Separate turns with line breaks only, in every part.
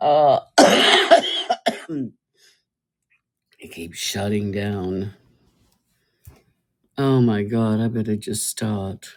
Uh, it keeps shutting down. Oh my God, I better just start.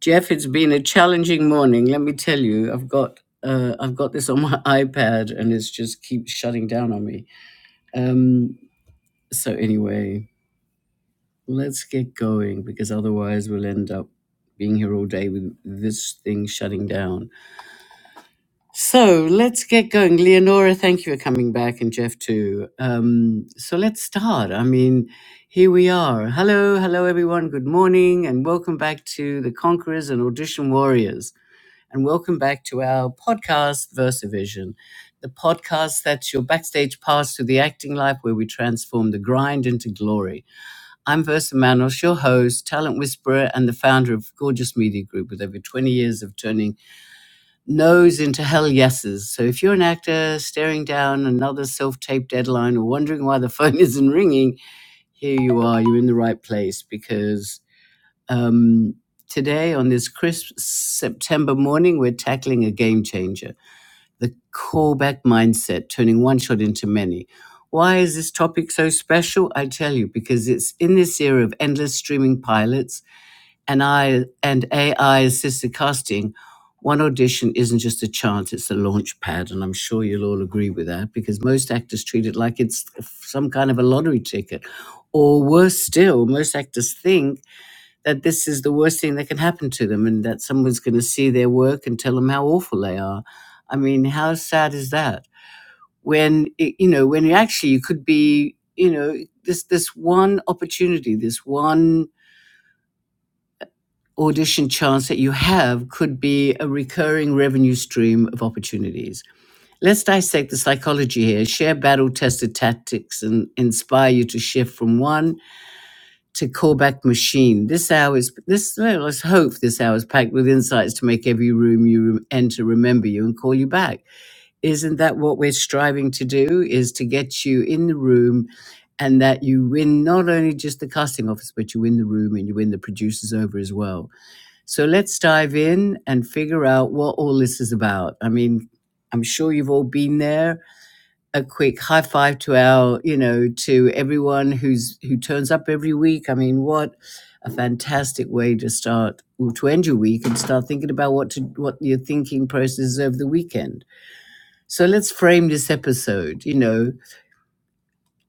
Jeff, it's been a challenging morning. Let me tell you, I've got uh, I've got this on my iPad, and it's just keeps shutting down on me. Um, so anyway, let's get going because otherwise we'll end up being here all day with this thing shutting down. So let's get going. Leonora, thank you for coming back, and Jeff too. Um, so let's start. I mean, here we are. Hello, hello, everyone. Good morning, and welcome back to the Conquerors and Audition Warriors. And welcome back to our podcast, VersaVision, the podcast that's your backstage pass to the acting life where we transform the grind into glory. I'm Versa Manos, your host, talent whisperer, and the founder of Gorgeous Media Group with over 20 years of turning no's into hell yeses. So if you're an actor staring down another self tape deadline or wondering why the phone isn't ringing, here you are. You're in the right place because um, today, on this crisp September morning, we're tackling a game changer the callback mindset, turning one shot into many. Why is this topic so special? I tell you, because it's in this era of endless streaming pilots and I and AI assisted casting, one audition isn't just a chance; it's a launch pad, and I'm sure you'll all agree with that because most actors treat it like it's some kind of a lottery ticket, or worse still, most actors think that this is the worst thing that can happen to them, and that someone's going to see their work and tell them how awful they are. I mean, how sad is that? When it, you know, when you actually you could be, you know, this this one opportunity, this one audition chance that you have could be a recurring revenue stream of opportunities. Let's dissect the psychology here, share battle tested tactics, and inspire you to shift from one to callback machine. This hour is, this, well, let's hope this hour is packed with insights to make every room you enter remember you and call you back. Isn't that what we're striving to do? Is to get you in the room and that you win not only just the casting office, but you win the room and you win the producers over as well. So let's dive in and figure out what all this is about. I mean, I'm sure you've all been there. A quick high five to our, you know, to everyone who's who turns up every week. I mean, what a fantastic way to start or to end your week and start thinking about what to what your thinking process is over the weekend. So let's frame this episode, you know,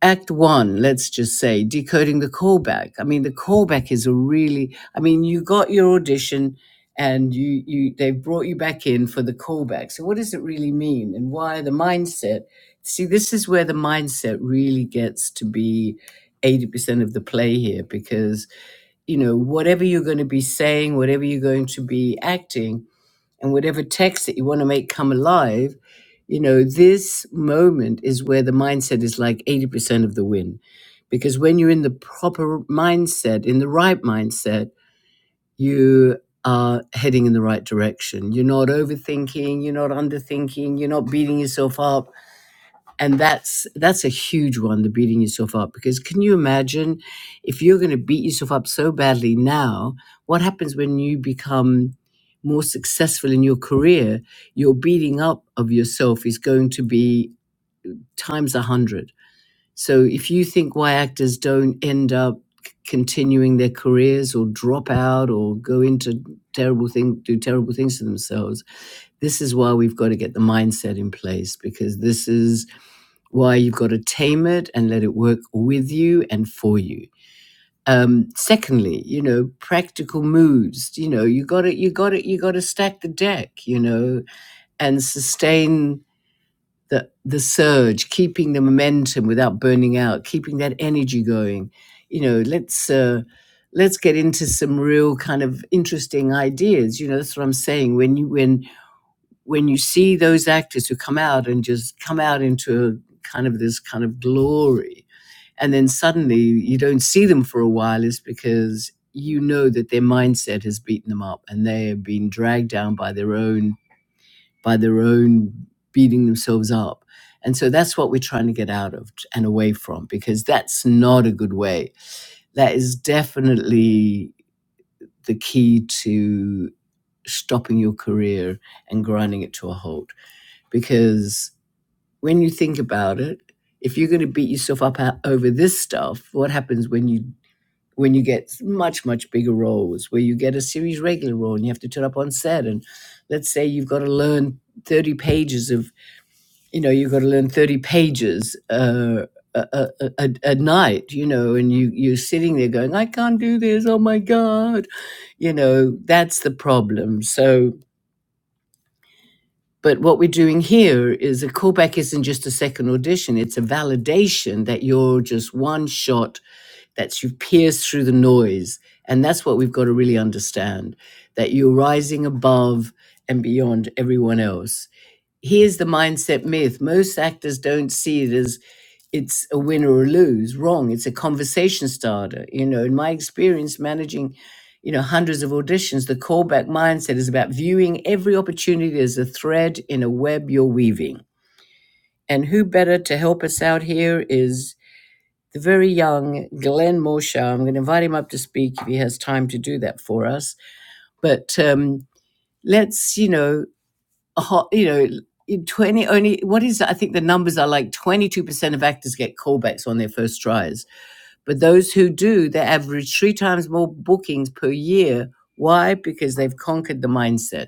act one, let's just say, decoding the callback. I mean, the callback is a really, I mean, you got your audition and you, you, they've brought you back in for the callback. So what does it really mean? And why the mindset? See, this is where the mindset really gets to be 80% of the play here because, you know, whatever you're going to be saying, whatever you're going to be acting, and whatever text that you want to make come alive, you know, this moment is where the mindset is like 80% of the win. Because when you're in the proper mindset, in the right mindset, you are heading in the right direction. You're not overthinking, you're not underthinking, you're not beating yourself up and that's that's a huge one the beating yourself up because can you imagine if you're going to beat yourself up so badly now what happens when you become more successful in your career your beating up of yourself is going to be times a hundred so if you think why actors don't end up c- continuing their careers or drop out or go into terrible thing do terrible things to themselves this is why we've got to get the mindset in place because this is why you've got to tame it and let it work with you and for you. Um, secondly, you know, practical moves. You know, you got to you got to you got to stack the deck. You know, and sustain the the surge, keeping the momentum without burning out, keeping that energy going. You know, let's. Uh, Let's get into some real kind of interesting ideas. You know, that's what I'm saying. When you when when you see those actors who come out and just come out into a kind of this kind of glory, and then suddenly you don't see them for a while is because you know that their mindset has beaten them up and they have been dragged down by their own by their own beating themselves up and so that's what we're trying to get out of and away from because that's not a good way that is definitely the key to stopping your career and grinding it to a halt because when you think about it if you're going to beat yourself up uh, over this stuff what happens when you when you get much much bigger roles where you get a series regular role and you have to turn up on set and let's say you've got to learn 30 pages of you know you've got to learn 30 pages uh, a, a, a, a night you know and you you're sitting there going i can't do this oh my god you know that's the problem so but what we're doing here is a callback isn't just a second audition it's a validation that you're just one shot that you've pierced through the noise. And that's what we've got to really understand that you're rising above and beyond everyone else. Here's the mindset myth most actors don't see it as it's a win or a lose. Wrong. It's a conversation starter. You know, in my experience managing, you know, hundreds of auditions, the callback mindset is about viewing every opportunity as a thread in a web you're weaving. And who better to help us out here is the very young Glenn Mosher. I'm going to invite him up to speak if he has time to do that for us. But um, let's, you know, a you know, 20 only what is I think the numbers are like 22% of actors get callbacks on their first tries but those who do, they average three times more bookings per year. Why? Because they've conquered the mindset.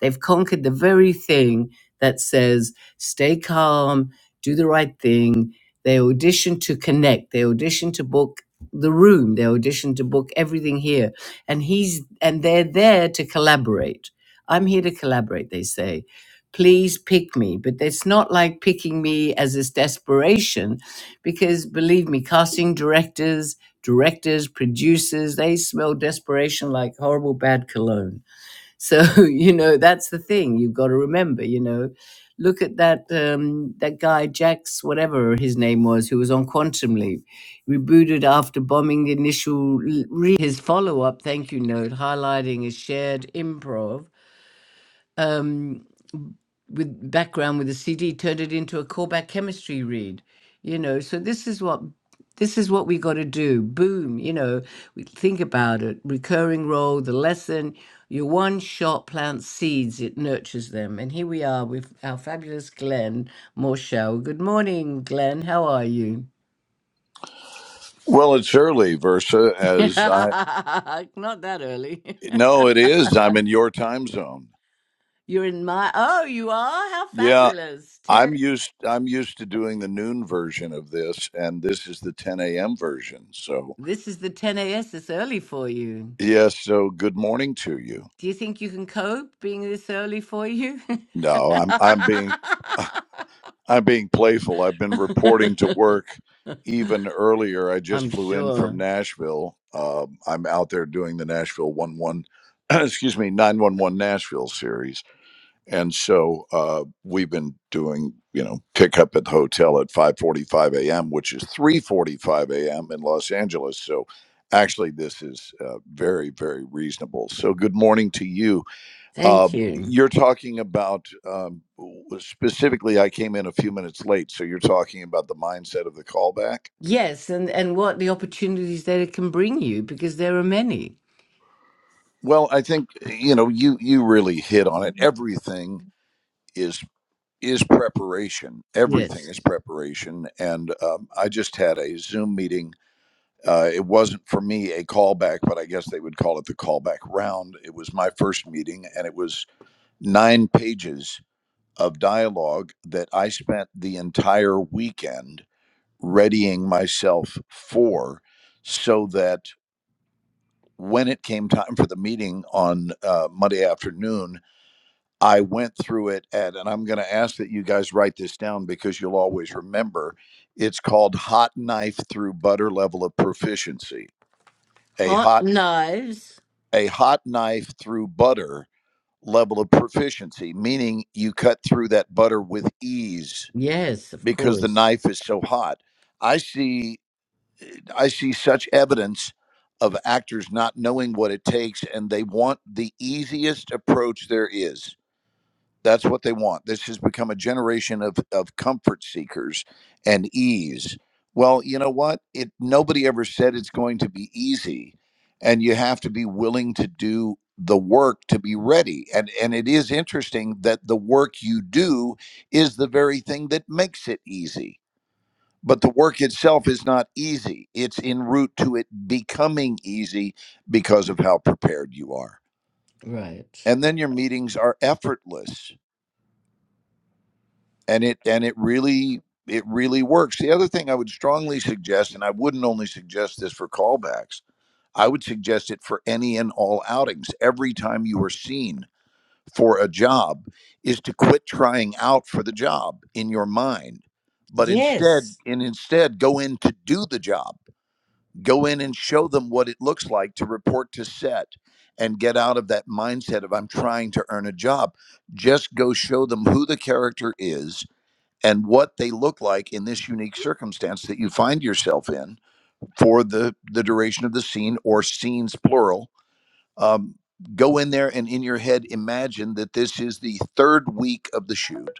They've conquered the very thing that says stay calm, do the right thing. They audition to connect, they audition to book the room, they audition to book everything here. And he's and they're there to collaborate. I'm here to collaborate, they say. Please pick me. But it's not like picking me as this desperation because believe me, casting directors, directors, producers, they smell desperation like horrible bad cologne. So you know that's the thing you've got to remember. You know, look at that um, that guy Jax, whatever his name was, who was on Quantum Leap, rebooted after bombing the initial re- his follow up thank you note highlighting his shared improv um, with background with the CD, turned it into a callback chemistry read. You know, so this is what this is what we got to do. Boom, you know, we think about it. Recurring role, the lesson. Your one shot plants seeds; it nurtures them. And here we are with our fabulous Glenn Morshow. Good morning, Glenn. How are you?
Well, it's early, Versa, as I
Not that early.
No, it is. I'm in your time zone.
You're in my. Oh, you are. How
Yeah.
fabulous!
I'm
Ten.
used I'm used to doing the noon version of this, and this is the ten AM version. So
This is the ten a.s. It's early for you.
yes, so good morning to you.
Do you think you can cope being this early for you?
No, I'm I'm being I'm being playful. I've been reporting to work even earlier. I
I'm
just flew in from
sure.
Nashville. Um, I'm out there doing the Nashville one one excuse me, nine one one Nashville series and so uh, we've been doing you know pickup at the hotel at 5.45 a.m which is 3.45 a.m in los angeles so actually this is uh, very very reasonable so good morning to you uh,
Thank you.
you're talking about um, specifically i came in a few minutes late so you're talking about the mindset of the callback
Yes, and, and what the opportunities that it can bring you, because there are many.
well i think you know you you really hit on it everything is. is preparation. Everything
Yes.
is preparation. And um, I just had a Zoom meeting. Uh, it wasn't for me a callback, but I guess they would call it the callback round. It was my first meeting, and it was nine pages of dialogue that I spent the entire weekend readying myself for so that when it came time for the meeting on uh, Monday afternoon, I went through it at, and I'm going to ask that you guys write this down because you'll always remember. It's called hot knife through butter level of proficiency. A
Hot
hot
knives.
a hot knife through butter level of proficiency, meaning you cut through that butter with ease
Yes, of
because the
course.
knife is so hot. I see I see such evidence of actors not knowing what it takes and they want the easiest approach there is That's what they want. This has become a generation of, of comfort seekers and ease. Well, you know what? It nobody ever said it's going to be easy. And you have to be willing to do the work to be ready. And and it is interesting that the work you do is the very thing that makes it easy. But the work itself is not easy. It's en route to it becoming easy because of how prepared you are.
Right.
And then your meetings are effortless and it and it really it really works the other thing i would strongly suggest and i wouldn't only suggest this for callbacks i would suggest it for any and all outings every time you are seen for a job is to quit trying out for the job in your mind but
Yes.
instead and instead go in to do the job go in and show them what it looks like to report to set and get out of that mindset of i'm trying to earn a job just go show them who the character is and what they look like in this unique circumstance that you find yourself in for the the duration of the scene or scenes plural um, go in there and in your head imagine that this is the third week of the shoot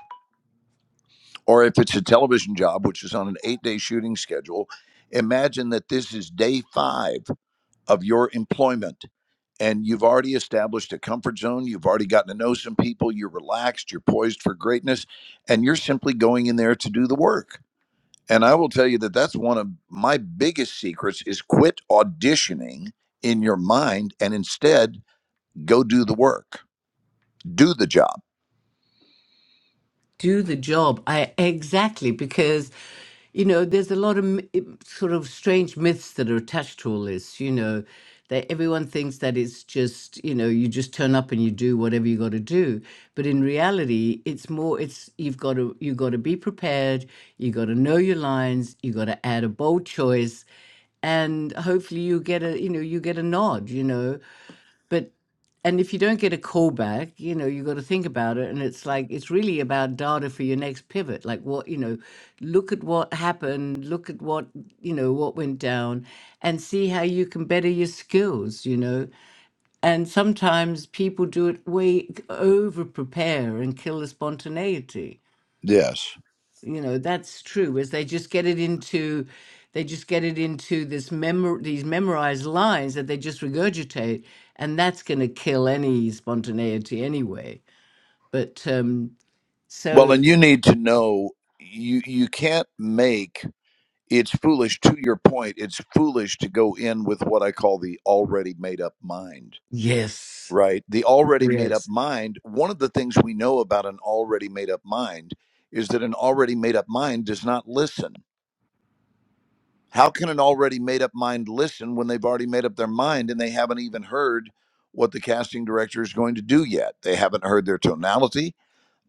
or if it's a television job which is on an eight day shooting schedule imagine that this is day five of your employment and you've already established a comfort zone you've already gotten to know some people you're relaxed you're poised for greatness and you're simply going in there to do the work and I will tell you that that's one of my biggest secrets is quit auditioning in your mind and instead go do the work. Do the job.
do the job. I exactly because you know there's a lot of m- im- sort of strange myths that are attached to all this. You know that everyone thinks that it's just you know you just turn up and you do whatever you got to do, but in reality it's more it's you've got to you got to be prepared, you got to know your lines, you got to add a bold choice, and hopefully you get a you know you get a nod. You know but and if you don't get a call back you know you got to think about it and it's like it's really about data for your next pivot like what you know look at what happened look at what you know what went down and see how you can better your skills you know and sometimes people do it way over prepare and kill the spontaneity
Yes.
you know that's true is they just get it into they just get it into this mem these memorized lines that they just regurgitate and that's going to kill any spontaneity anyway but um
Well,
so
and you need to know you you can't make it's foolish to your point. It's foolish to go in with what I call the already made up mind,
yes
right? The already made up
yes
mind, one of the things we know about an already made up mind is that an already made up mind does not listen. How can an already made up mind listen when they've already made up their mind and they haven't even heard what the casting director is going to do yet? They haven't heard their tonality.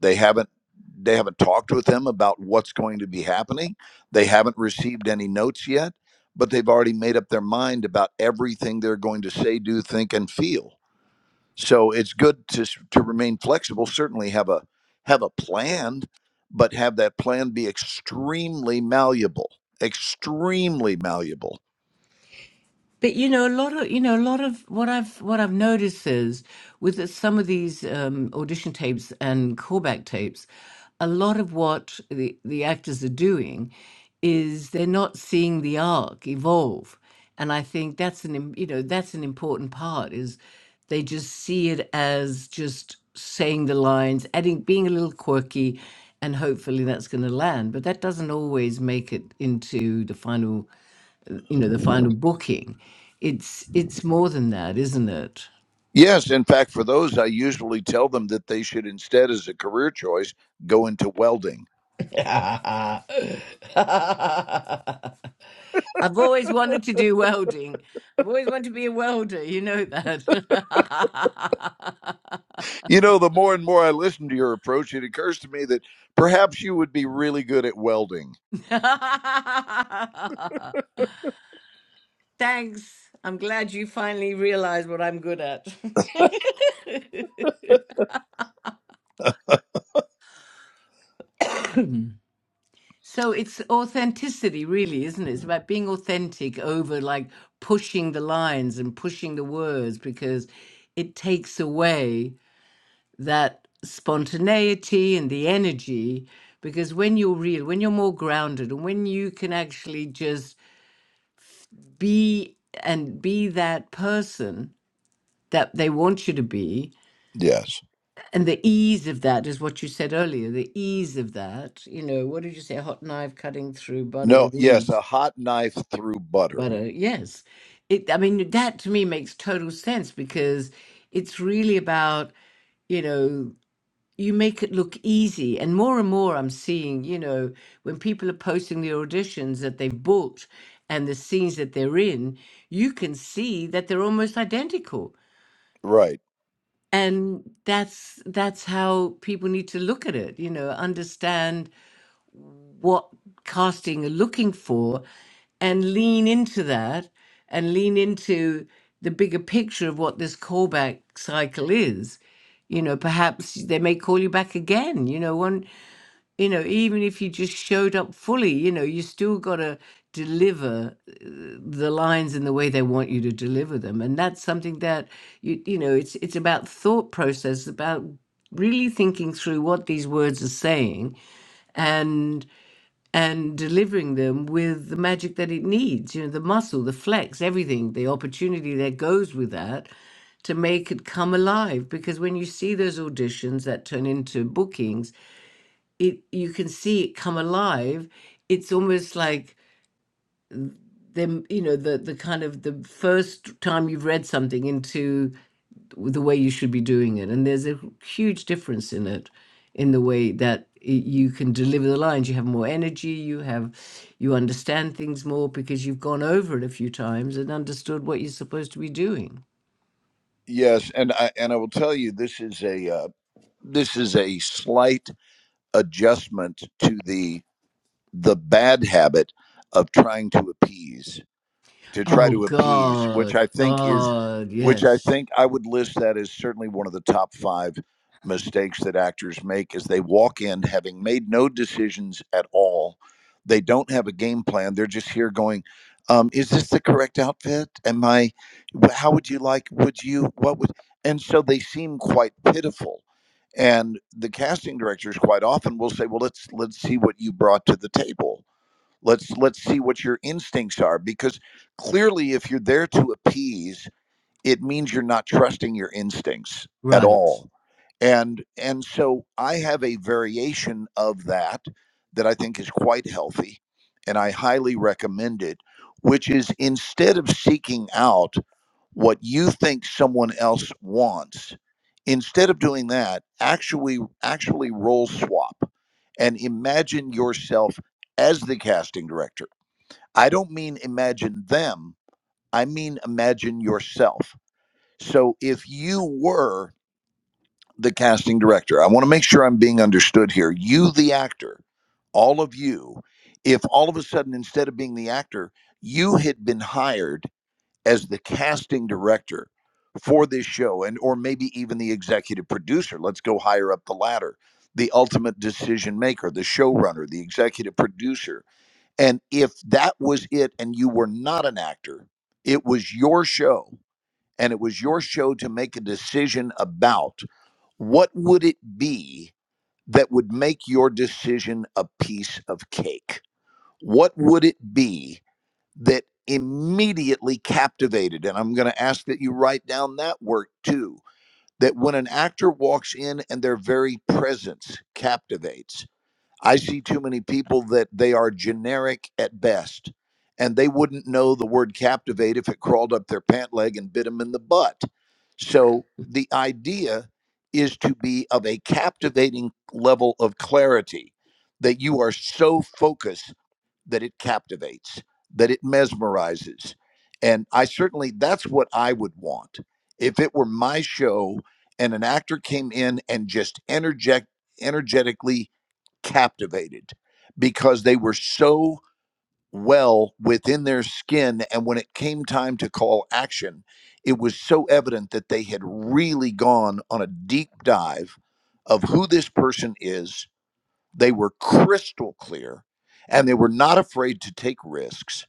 They haven't they haven't talked with them about what's going to be happening. They haven't received any notes yet, but they've already made up their mind about everything they're going to say, do, think, and feel. So it's good to to remain flexible. Certainly have a have a plan, but have that plan be extremely malleable. Extremely malleable.
But you know, a lot of you know, a lot of what I've what I've noticed is with some of these um, audition tapes and callback tapes, a lot of what the the actors are doing is they're not seeing the arc evolve, and I think that's an im- you know that's an important part is they just see it as just saying the lines, adding being a little quirky, and hopefully that's going to land. But that doesn't always make it into the final you know the final booking it's it's more than that isn't it
Yes, in fact, for those, I usually tell them that they should instead, as a career choice, go into welding.
yeah, i've always wanted to do welding i've always wanted to be a welder you know that
You know, the more and more I listen to your approach, it occurs to me that perhaps you would be really good at welding.
thanks i'm glad you finally realized what i'm good at So it's authenticity, really, isn't it? It's about being authentic over like pushing the lines and pushing the words because it takes away that spontaneity and the energy. Because when you're real, when you're more grounded, and when you can actually just be and be that person that they want you to be,
Yes.
and the ease of that is what you said earlier the ease of that. You know, what did you say? Hot knife cutting through butter
No,
with
yes,
ease
a hot knife through butter.
But uh, yes, it. I mean, that to me makes total sense because it's really about you know you make it look easy, and more and more I'm seeing you know when people are posting the auditions that they've booked and the scenes that they're in, you can see that they're almost identical,
Right.
and that's that's how people need to look at it. You know, understand what casting are looking for and lean into that and lean into the bigger picture of what this callback cycle is you know perhaps they may call you back again you know one you know even if you just showed up fully you know you still got to deliver uh, the lines in the way they want you to deliver them and that's something that you you know it's it's about thought process about really thinking through what these words are saying and and delivering them with the magic that it needs you know the muscle the flex everything the opportunity that goes with that to make it come alive because when you see those auditions that turn into bookings it you can see it come alive it's almost like them you know the the kind of the first time you've read something into the way you should be doing it. And there's a huge difference in it, in the way that i- you can deliver the lines. You have more energy. You have, you understand things more because you've gone over it a few times and understood what you're supposed to be doing.
Yes, and I and I will tell you this is a uh, this is a slight adjustment to the the bad habit of trying to appease. to try
Oh
to appease, which
God,
I think is,
God,
which I
yes,
think I would list that as certainly one of the top five mistakes that actors make is they walk in having made no decisions at all. They don't have a game plan. They're just here going, um, is this the correct outfit? Am I, wh- how would you like, would you, what would, and so they seem quite pitiful. And the casting directors quite often will say, well, let's, let's see what you brought to the table let's let's see what your instincts are because clearly if you're there to appease it means you're not trusting your instincts at
right,
all and and so i have a variation of that that i think is quite healthy and i highly recommend it which is instead of seeking out what you think someone else wants instead of doing that actually actually role swap and imagine yourself as the casting director i don't mean imagine them i mean imagine yourself so if you were the casting director i want to make sure i'm being understood here you the actor all of you if all of a sudden instead of being the actor you had been hired as the casting director for this show and or maybe even the executive producer let's go higher up the ladder the ultimate decision maker the showrunner the executive producer and if that was it and you were not an actor it was your show and it was your show to make a decision about what would it be that would make your decision a piece of cake what would it be that immediately captivated. And I'm going to ask that you write down that word too. That when an actor walks in and their very presence captivates, I see too many people that they are generic at best, and they wouldn't know the word captivate if it crawled up their pant leg and bit them in the butt. So the idea is to be of a captivating level of clarity that you are so focused that it captivates, that it mesmerizes. And I certainly, that's what I would want. If it were my show and an actor came in and just energet- energetically captivated because they were so well within their skin. And when it came time to call action, it was so evident that they had really gone on a deep dive of who this person is they were crystal clear and they were not afraid to take risks.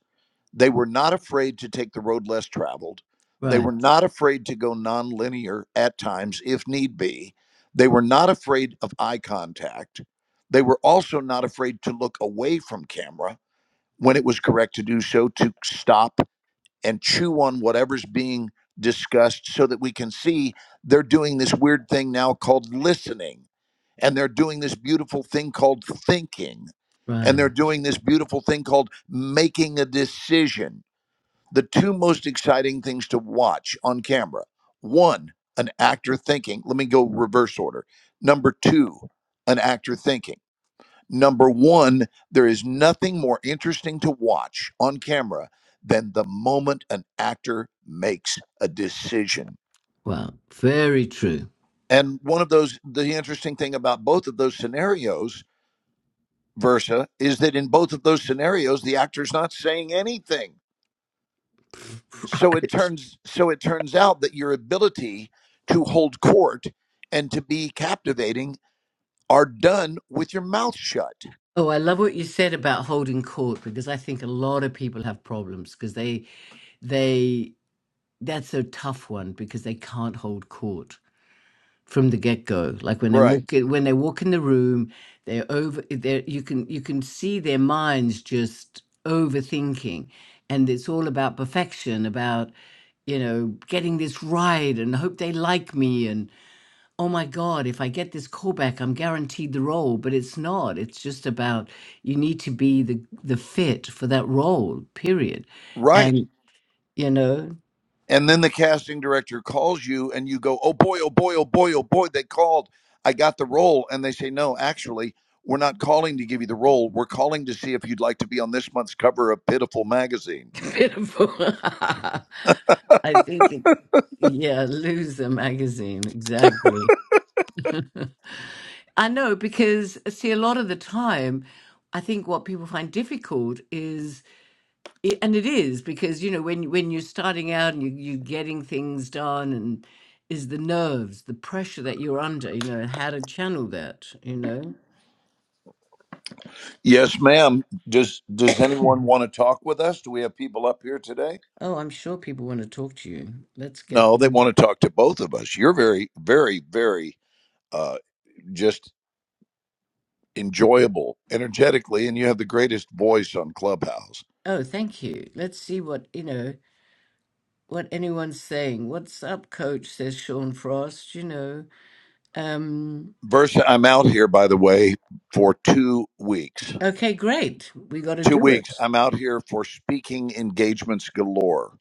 They were not afraid to take the road less traveled. They
right,
were not afraid to go nonlinear at times if need be. They were not afraid of eye contact. They were also not afraid to look away from camera when it was correct to do so to stop and chew on whatever's being discussed so that we can see they're doing this weird thing now called listening. And they're doing this beautiful thing called thinking. And
right.
they're doing this beautiful thing called making a decision. The two most exciting things to watch on camera one, an actor thinking. Let me go reverse order. Number two, an actor thinking. Number one, there is nothing more interesting to watch on camera than the moment an actor makes a decision.
Wow, very true.
And one of those, the interesting thing about both of those scenarios, Versa, is that in both of those scenarios, the actor's not saying anything. So it
Right.
turns, so it turns out that your ability to hold court and to be captivating are done with your mouth shut.
Oh, I love what you said about holding court because I think a lot of people have problems because they they that's a tough one because they can't hold court from the get go. Like when they
Right.
walk in, when they walk in the room, they're over. There, you can you can see their minds just overthinking, and it's all about perfection, about you know getting this right and hope they like me and oh my god if i get this callback i'm guaranteed the role but it's not it's just about you need to be the the fit for that role period
Right.
and you know
and then the casting director calls you and you go oh boy oh boy oh boy oh boy they called i got the role and they say no actually we're not calling to give you the role we're calling to see if you'd like to be on this month's cover of pitiful magazine
Pitiful. I think it, yeah, Loser magazine, exactly. I know because uh, see, a lot of the time, I think what people find difficult is, i- and it is because you know when when you're starting out and you, you're getting things done, and is the nerves, the pressure that you're under, you know, and how to channel that, you know.
yes ma'am does does anyone want to talk with us do we have people up here today
Oh, I'm sure people want to talk to you. Let's get
no they
them.
want to talk to both of us you're very very very uh just enjoyable energetically and you have the greatest voice on clubhouse
Oh, thank you. Let's see what you know. what anyone's saying. What's up, coach? says Sean Frost, you know. Um,
Versa, I'm out here, by the way, for two weeks.
okay, great. We got to
Two
do
weeks.
it.
I'm out here for speaking engagements galore.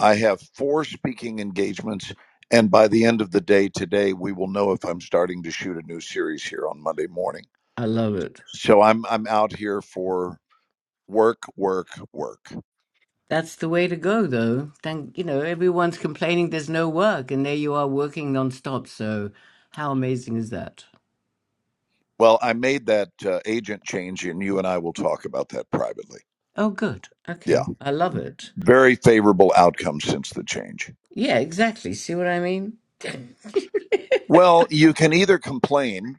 I have four speaking engagements. And by the end of the day today, we will know if I'm starting to shoot a new series here on Monday morning.
I love it.
So I'm I'm out here for work, work, work.
That's the way to go, though. Thank you know, everyone's complaining there's no work, and there you are working nonstop. So, how amazing is that?
Well, I made that uh, agent change, and you and I will talk about that privately.
Oh, good.
Yeah,
Okay, I love it.
very favorable outcome since the change.
Yeah, exactly. See what I mean?
Well, you can either complain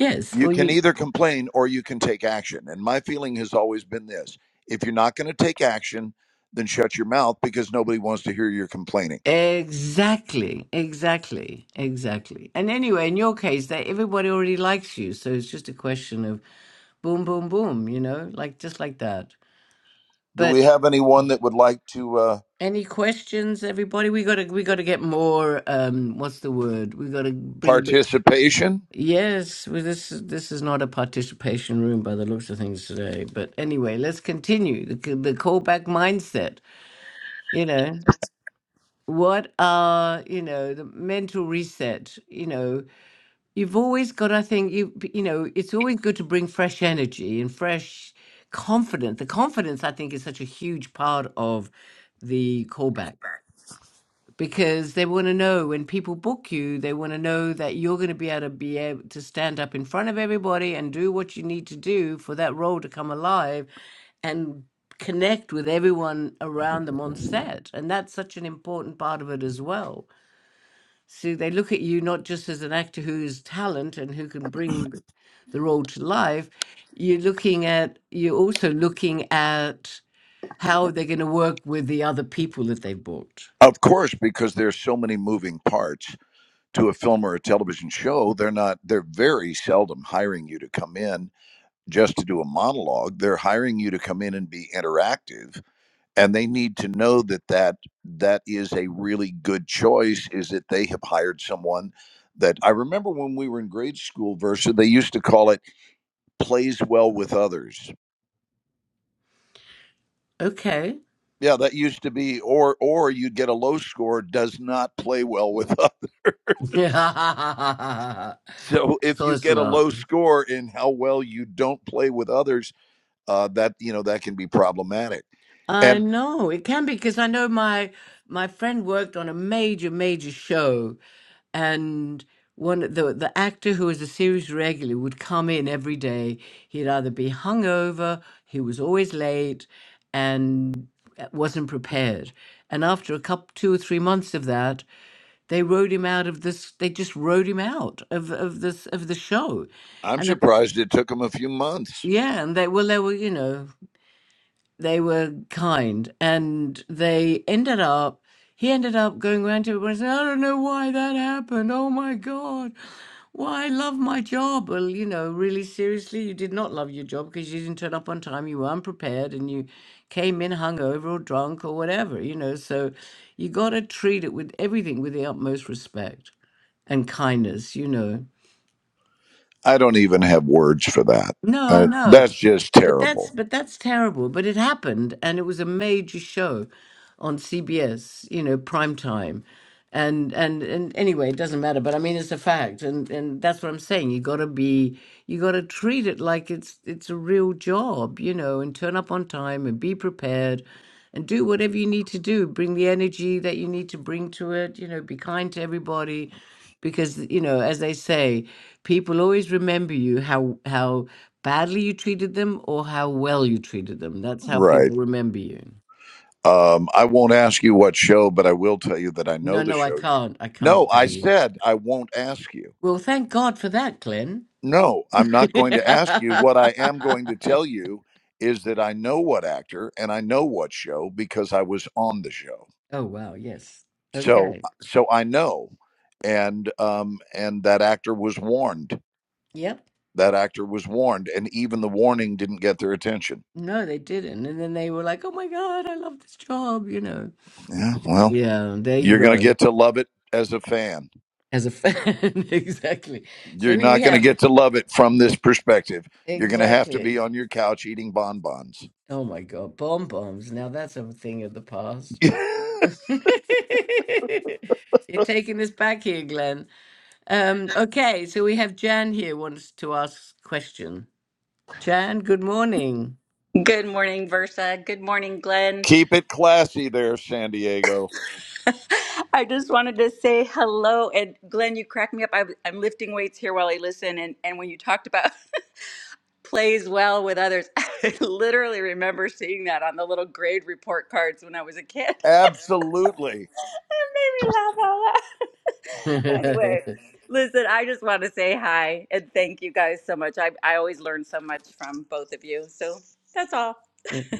Yes,
You
or
can
you
either complain or you can take action. And my feeling has always been this if you're not going to take action, then shut your mouth because nobody wants to hear your complaining.
exactly, exactly, exactly. And anyway, in your case, that everybody already likes you, so it's just a question of boom boom boom you know like just like that
Do we
but
have anyone that would like to uh,
any questions everybody we gotta we gotta get more um what's the word we gotta bring a bit
participation?
yes well, this is this is not a participation room by the looks of things today but anyway let's continue the, c- the callback mindset you know what are you know the mental reset you know You've always got, I think, you you know, it's always good to bring fresh energy and fresh confidence. The confidence, I think, is such a huge part of the callback because they want to know when people book you, they want to know that you're going to be able to be able to stand up in front of everybody and do what you need to do for that role to come alive and connect with everyone around them on set. And that's such an important part of it as well. So they look at you not just as an actor who's talent and who can bring th- the role to life. You're looking at you're also looking at how they're going to work with the other people that they've bought.
Of course, because there's so many moving parts to a film or a television show. They're not, they're very seldom hiring you to come in just to do a monologue. They're hiring you to come in and be interactive and they need to know that that that is a really good choice is that they have hired someone that i remember when we were in grade school versa they used to call it plays well with others
Okay.
yeah that used to be or or you'd get a low score does not play well with others
Yeah,
so if
so
you
it's
get a
not.
low score in how well you don't play with others uh, that you know that can be problematic
I
and
know it can be because I know my my friend worked on a major major show, and one of the the actor who was a series regular would come in every day. He'd either be hungover, he was always late, and wasn't prepared. And after a couple, two or three months of that, they rode him out of this. They just rode him out of of this of the show,
i'm
and.
surprised it took them a few months
Yeah, and they well, they were, you know, they were kind, and they ended up. He ended up going around to everyone and saying, "I don't know why that happened. Oh my God, why I love my job." Well, you know, really seriously, you did not love your job because you didn't turn up on time. You were unprepared, and you came in hungover or drunk or whatever. You know, so you got to treat it with everything with the utmost respect and kindness. You know.
I don't even have words for that.
No, I
Uh,
know.
that's just
But that's
terrible.
but that's terrible. But it happened, and it was a major show on CBS, you know, prime time. And and and anyway, it doesn't matter. But I mean, it's a fact, and and that's what I'm saying. You got to be, you got to treat it like it's it's a real job, you know, and turn up on time and be prepared, and do whatever you need to do. Bring the energy that you need to bring to it. You know, be kind to everybody, because you know, as they say, people always remember you how how badly you treated them or how well you treated them. That's how
Right.
people remember you.
Um, I won't ask you what show, but I will tell you that I know
No,
the
no, I
show.
can't. I
No,
can't tell
I
you.
said I won't ask you.
Well, thank God for that, Glenn.
No, I'm not going to ask you. What I am going to tell you is that I know what actor and I know what show because I was on the show.
oh, wow. Yes.
So,
Okay.
so I know, and um, and that actor was warned.
Yep.
That actor was warned, and even the warning didn't get their attention.
No, they didn't. And then they were like, oh my God, I love this job, you know.
Yeah, well.
Yeah, there you
You're going to
go.
get to love it as a fan.
As a fan. exactly.
You're
So here we
not going to
have.
get to love it from this perspective. You're going to have to
Exactly.
be on your couch eating bonbons.
Oh my God. Bomb bombs. Now that's a thing of the past. You're taking us back here, Glenn. Um, okay, so we have Jan here wants to ask a question. Jan, good morning.
Good morning, Versa. Good morning, Glenn.
Keep it classy there, San Diego.
I just wanted to say hello. And Glenn, you crack me up. I, I'm lifting weights here while I listen. And, and when you talked about plays well with others, I literally remember seeing that on the little grade report cards when I was a kid.
Absolutely.
It made me laugh out loud. anyway, listen, I just want to say hi and thank you guys so much. I, I always learn so much from both of you. So that's all.
Great.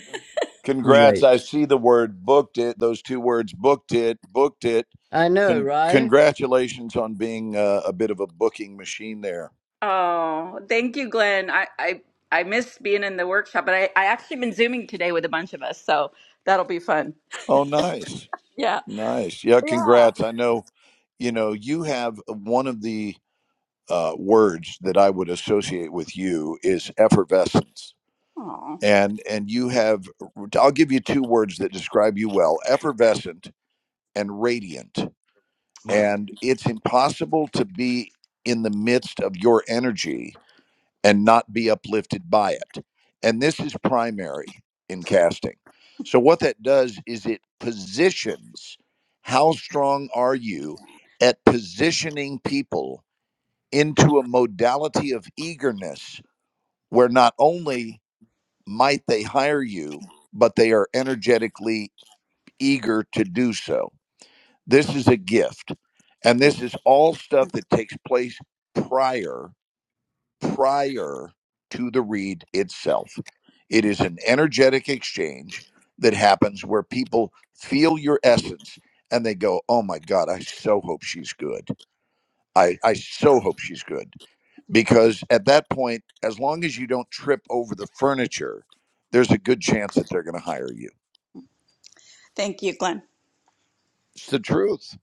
Congrats. I see the word booked it. Those two words booked it, booked it.
I know,
Con-
right?
congratulations on being uh, a bit of a booking machine there.
Oh, thank you, Glenn. I, I, I miss being in the workshop, but I, I actually been Zooming today with a bunch of us, so that'll be fun.
Oh, nice.
Yeah.
Nice. Yeah,
Yeah.
congrats. I know, you know, you have one of the uh, words that I would associate with you is effervescence.
Oh,
And and you have I'll give you two words that describe you well: effervescent and radiant.
Yeah.
And it's impossible to be in the midst of your energy and not be uplifted by it. And this is primary in casting. So what that does is it positions how strong are you at positioning people into a modality of eagerness where not only might they hire you, but they are energetically eager to do so. This is a gift. And this is all stuff that takes place prior, prior to the read itself. It is an energetic exchange that happens where people feel your essence and they go, Oh my God, I so hope she's good. I, I so hope she's good. because at that point, as long as you don't trip over the furniture, there's a good chance that they're going to hire you.
thank you, Glenn.
It's the truth.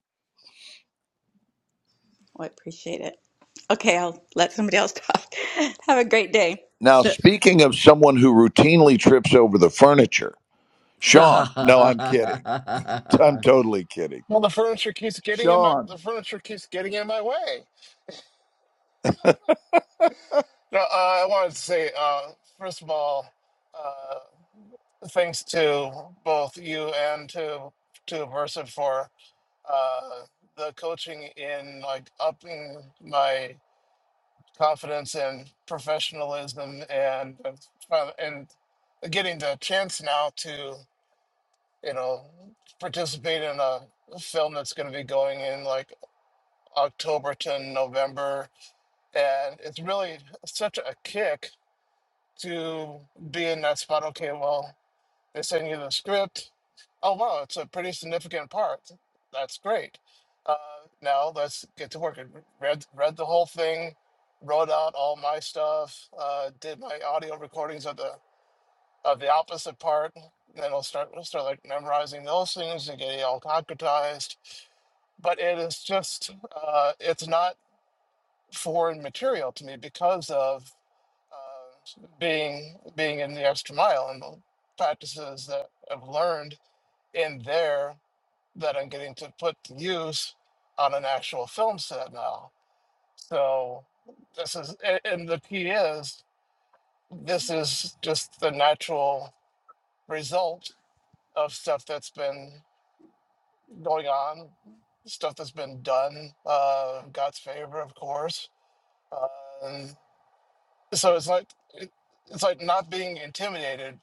Oh, I appreciate it. Okay, I'll let somebody else talk. Have a great day.
Now,
So-
speaking of someone who routinely trips over the furniture, Sean, no, I'm kidding. I'm totally kidding.
Well, the furniture keeps getting in my
Sean,
the furniture keeps getting in my way. No, uh, I wanted to say uh, first of all, uh, thanks to both you and to to Versa for uh, the coaching in like upping my confidence and professionalism and uh, and getting the chance now to you know participate in a film that's going to be going in like October to November And it's really such a kick to be in that spot. Okay, well, they send you the script. Oh, wow, it's a pretty significant part. That's great. Uh, now let's get to work. I read, read the whole thing, wrote out all my stuff, uh, did my audio recordings of the of the opposite part. Then I'll start, we will start like memorizing those things and getting all concretized but it is just uh, it's not foreign material to me because of uh, being being in the extra mile and the practices that I've learned in there that I'm getting to put to use on an actual film set now. So this is a- and the key is this is just the natural result of stuff that's been going on, stuff that's been done. Uh, God's favor, of course. Uh, so it's like it, it's like not being intimidated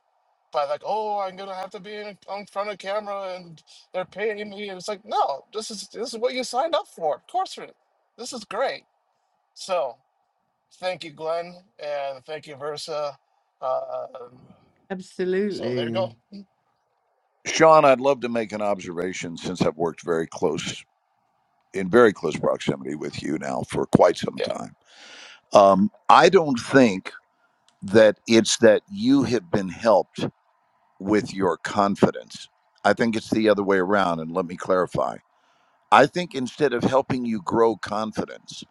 by like oh i'm gonna have to be in, in front of camera and they're paying me and it's like no this is this is what you signed up for of course it- this is great so thank you glenn and thank you versa um, so there you
Absolutely.
go
Sean, I'd love to make an observation since I've worked very close, in very close proximity with you now for quite some
yeah
time. Um, I don't think that it's that you have been helped with your confidence. I think it's the other way around. And let me clarify. I think instead of helping you grow confidence,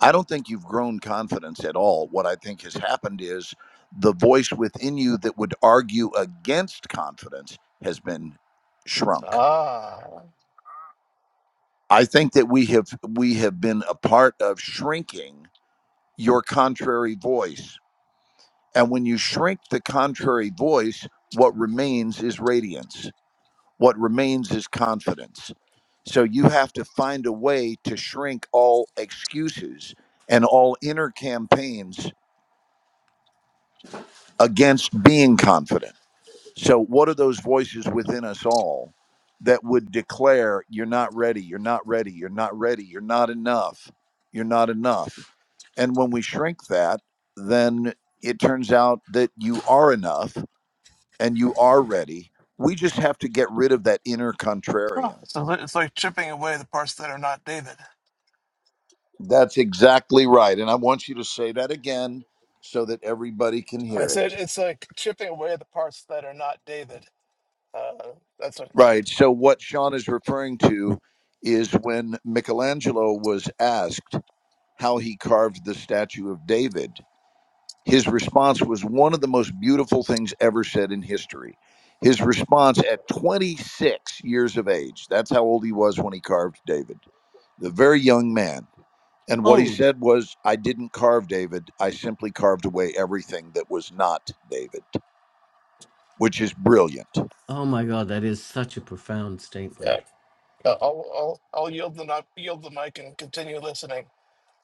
I don't think you've grown confidence at all. What I think has happened is the voice within you that would argue against confidence has been shrunk.
ah
I think that we have we have been a part of shrinking your contrary voice. And when you shrink the contrary voice, what remains is radiance What remains is confidence. So you have to find a way to shrink all excuses and all inner campaigns against being confident. So, what are those voices within us all that would declare, you're not ready, you're not ready, you're not ready, you're not enough, you're not enough? And when we shrink that, then it turns out that you are enough and you are ready. We just have to get rid of that inner
Oh,
contrarian
so it's like it's like chipping away the parts that are not david
That's exactly right. And I want you to say that again so that everybody can
i
hear it.
said it's like chipping away the parts that are not david uh, that's what
Right. So, what Sean is referring to is when Michelangelo was asked how he carved the statue of David, his response was one of the most beautiful things ever said in history. His response at 26 years of age, that's how old he was when he carved David, the very young man. And what he
Old.
said was, I didn't carve David. I simply carved away everything that was not David, which is brilliant.
Oh my God, that is such a profound statement.
Uh, I'll, I'll, I'll yield the not yield the mic and continue listening.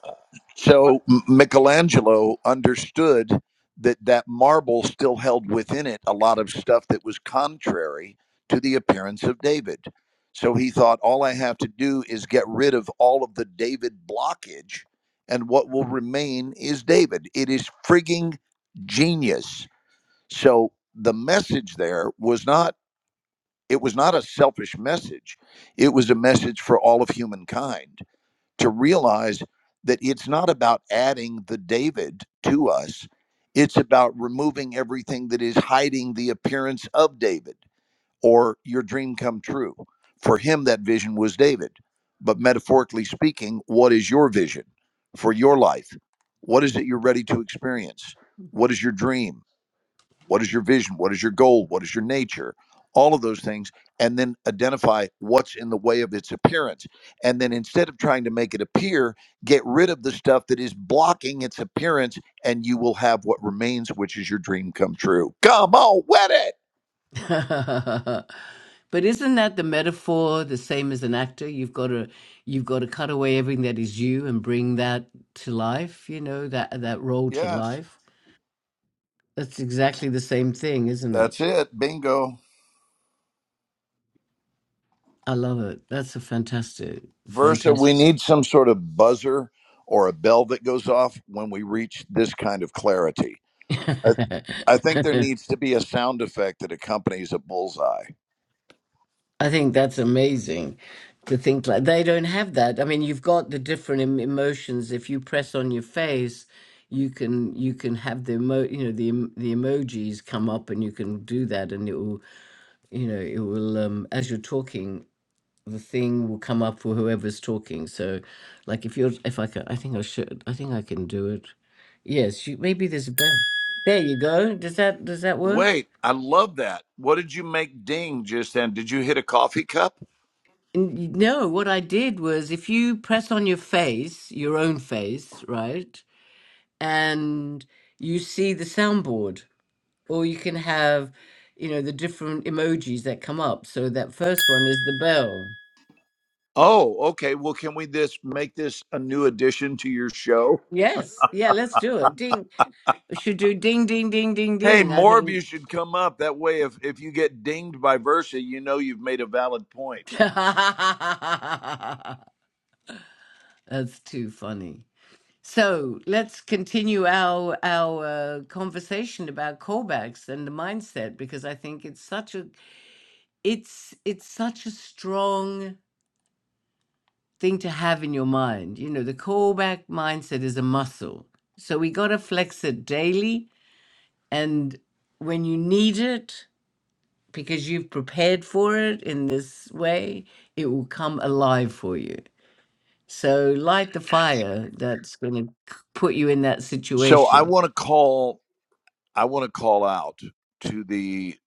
Uh, but
So Michelangelo understood that that marble still held within it a lot of stuff that was contrary to the appearance of David. So he thought, all I have to do is get rid of all of the David blockage, and what will remain is David. It is frigging genius. So the message there was not, it was not a selfish message. It was a message for all of humankind to realize that it's not about adding the David to us, it's about removing everything that is hiding the appearance of David or your dream come true. For him, that vision was David. But metaphorically speaking, what is your vision for your life? What is it you're ready to experience? What is your dream? What is your vision? What is your goal? What is your nature? All of those things. And then identify what's in the way of its appearance. And then instead of trying to make it appear, get rid of the stuff that is blocking its appearance, and you will have what remains, which is your dream come true. Come on, wet it.
but isn't that the metaphor the same as an actor? You've got to you've got to cut away everything that is you and bring that to life, you know, that that role to
Yes,
life. That's exactly the same thing, isn't it?
that's it. Bingo.
I love it. That's a fantastic
Versa,
fantastic
we need some sort of buzzer or a bell that goes off when we reach this kind of clarity. I, I think there needs to be a sound effect that accompanies a bullseye.
I think that's amazing to think like they don't have that. I mean, you've got the different em- emotions. If you press on your face, you can you can have the emo you know the em- the emojis come up, and you can do that, and it will you know it will um, as you're talking, the thing will come up for whoever's talking. So, like if you're if I can, I think I should I think I can do it. Yes, you, maybe there's a bell. There you go. Does that does that work?
Wait, I love that. What did you make ding just then? Did you hit a coffee cup?
N- y- No, what I did was if you press on your face, your own face, right, and you see the soundboard, or you can have, you know, the different emojis that come up. So that first one is the bell.
Oh, okay. Well, can we this make this a new addition to your show?
Yes. Yeah, let's do it. Ding. We should do ding, ding, ding, ding,
Hey,
ding. I
more of
think.
you should come up. That way, if if you get dinged by Versa, you know you've made a valid point.
That's too funny. So let's continue our our uh, conversation about callbacks and the mindset because I think it's such a it's it's such a strong thing to have in your mind. You know, the callback mindset is a muscle. So we got to flex it daily and when you need it because you've prepared for it in this way, it will come alive for you. So light the fire that's going to put you in that
So I
situation.
want to call. I want to call out to the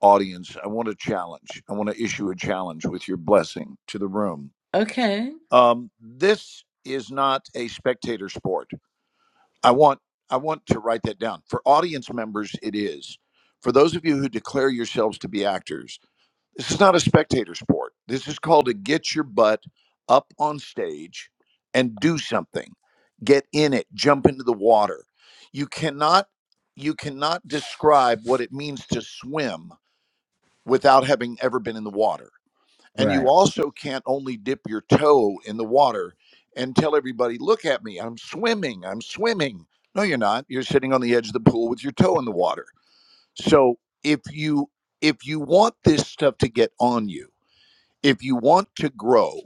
audience. I want a challenge. I want to issue a challenge with your blessing to the room.
Okay.
Um, this is not a spectator sport I want I want to write that down. For audience members, it is. For those of you who declare yourselves to be actors, this is not a spectator sport. This is called to get your butt up on stage and do something. Get in it, jump into the water. You cannot you cannot describe what it means to swim without having ever been in the water and
Right.
you also can't only dip your toe in the water and tell everybody, look at me, I'm swimming, I'm swimming. No, you're not. You're sitting on the edge of the pool with your toe in the water. So if you if you want this stuff to get on you, if you want to grow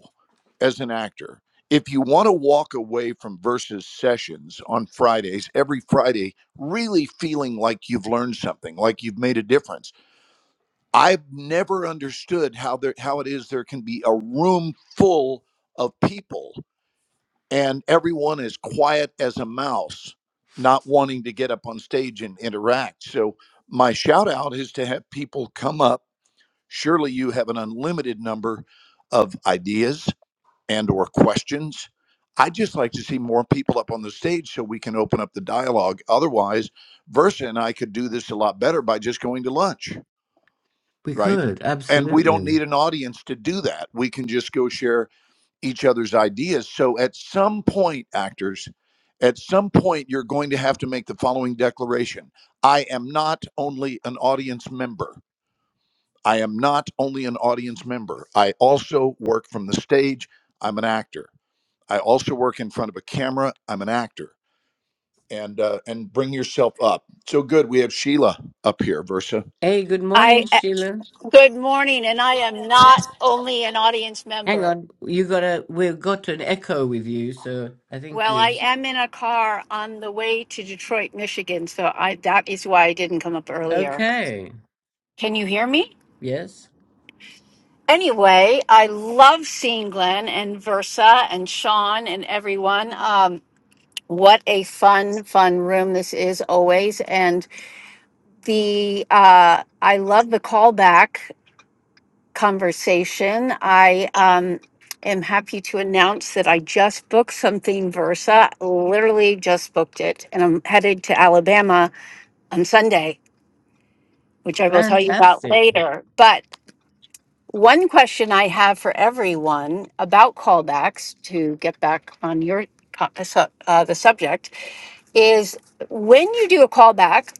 as an actor, if you want to walk away from versus sessions on Fridays, every Friday, really feeling like you've learned something, like you've made a difference I've never understood how there how it is there can be a room full of people and everyone is quiet as a mouse, not wanting to get up on stage and interact. So my shout out is to have people come up. Surely you have an unlimited number of ideas and or questions. I just like to see more people up on the stage so we can open up the dialogue. Otherwise, Versa and I could do this a lot better by just going to lunch
We
right?
could,
And we don't
absolutely.
need an audience to do that. We can just go share each other's ideas. So at some point, actors, at some point, you're going to have to make the following declaration I am not only an audience member. I am not only an audience member. I also work from the stage. I'm an actor. I also work in front of a camera. I'm an actor. And uh, and bring yourself up. So good. We have Sheila up here, Versa.
Hey, good
I
morning,
uh,
Sheila.
good morning, and I am not only an audience
Hang
member.
on, you gotta. We've got an echo with you, so I think
Well, I
you.
am in a car on the way to Detroit, Michigan, so I that is why I didn't come up earlier.
Okay.
Can you hear me?
Yes.
Anyway, I love seeing Glenn and Versa and Sean and everyone. Um, what a fun, fun room this is always, and the uh, I love the callback conversation. I um, am happy to announce that I just booked something Versa. Literally just booked it, and I'm headed to Alabama on Sunday, which I will tell you about
Fantastic.
later. But one question I have for everyone about callbacks to get back on your co- uh, su- uh, the subject is when you do a callback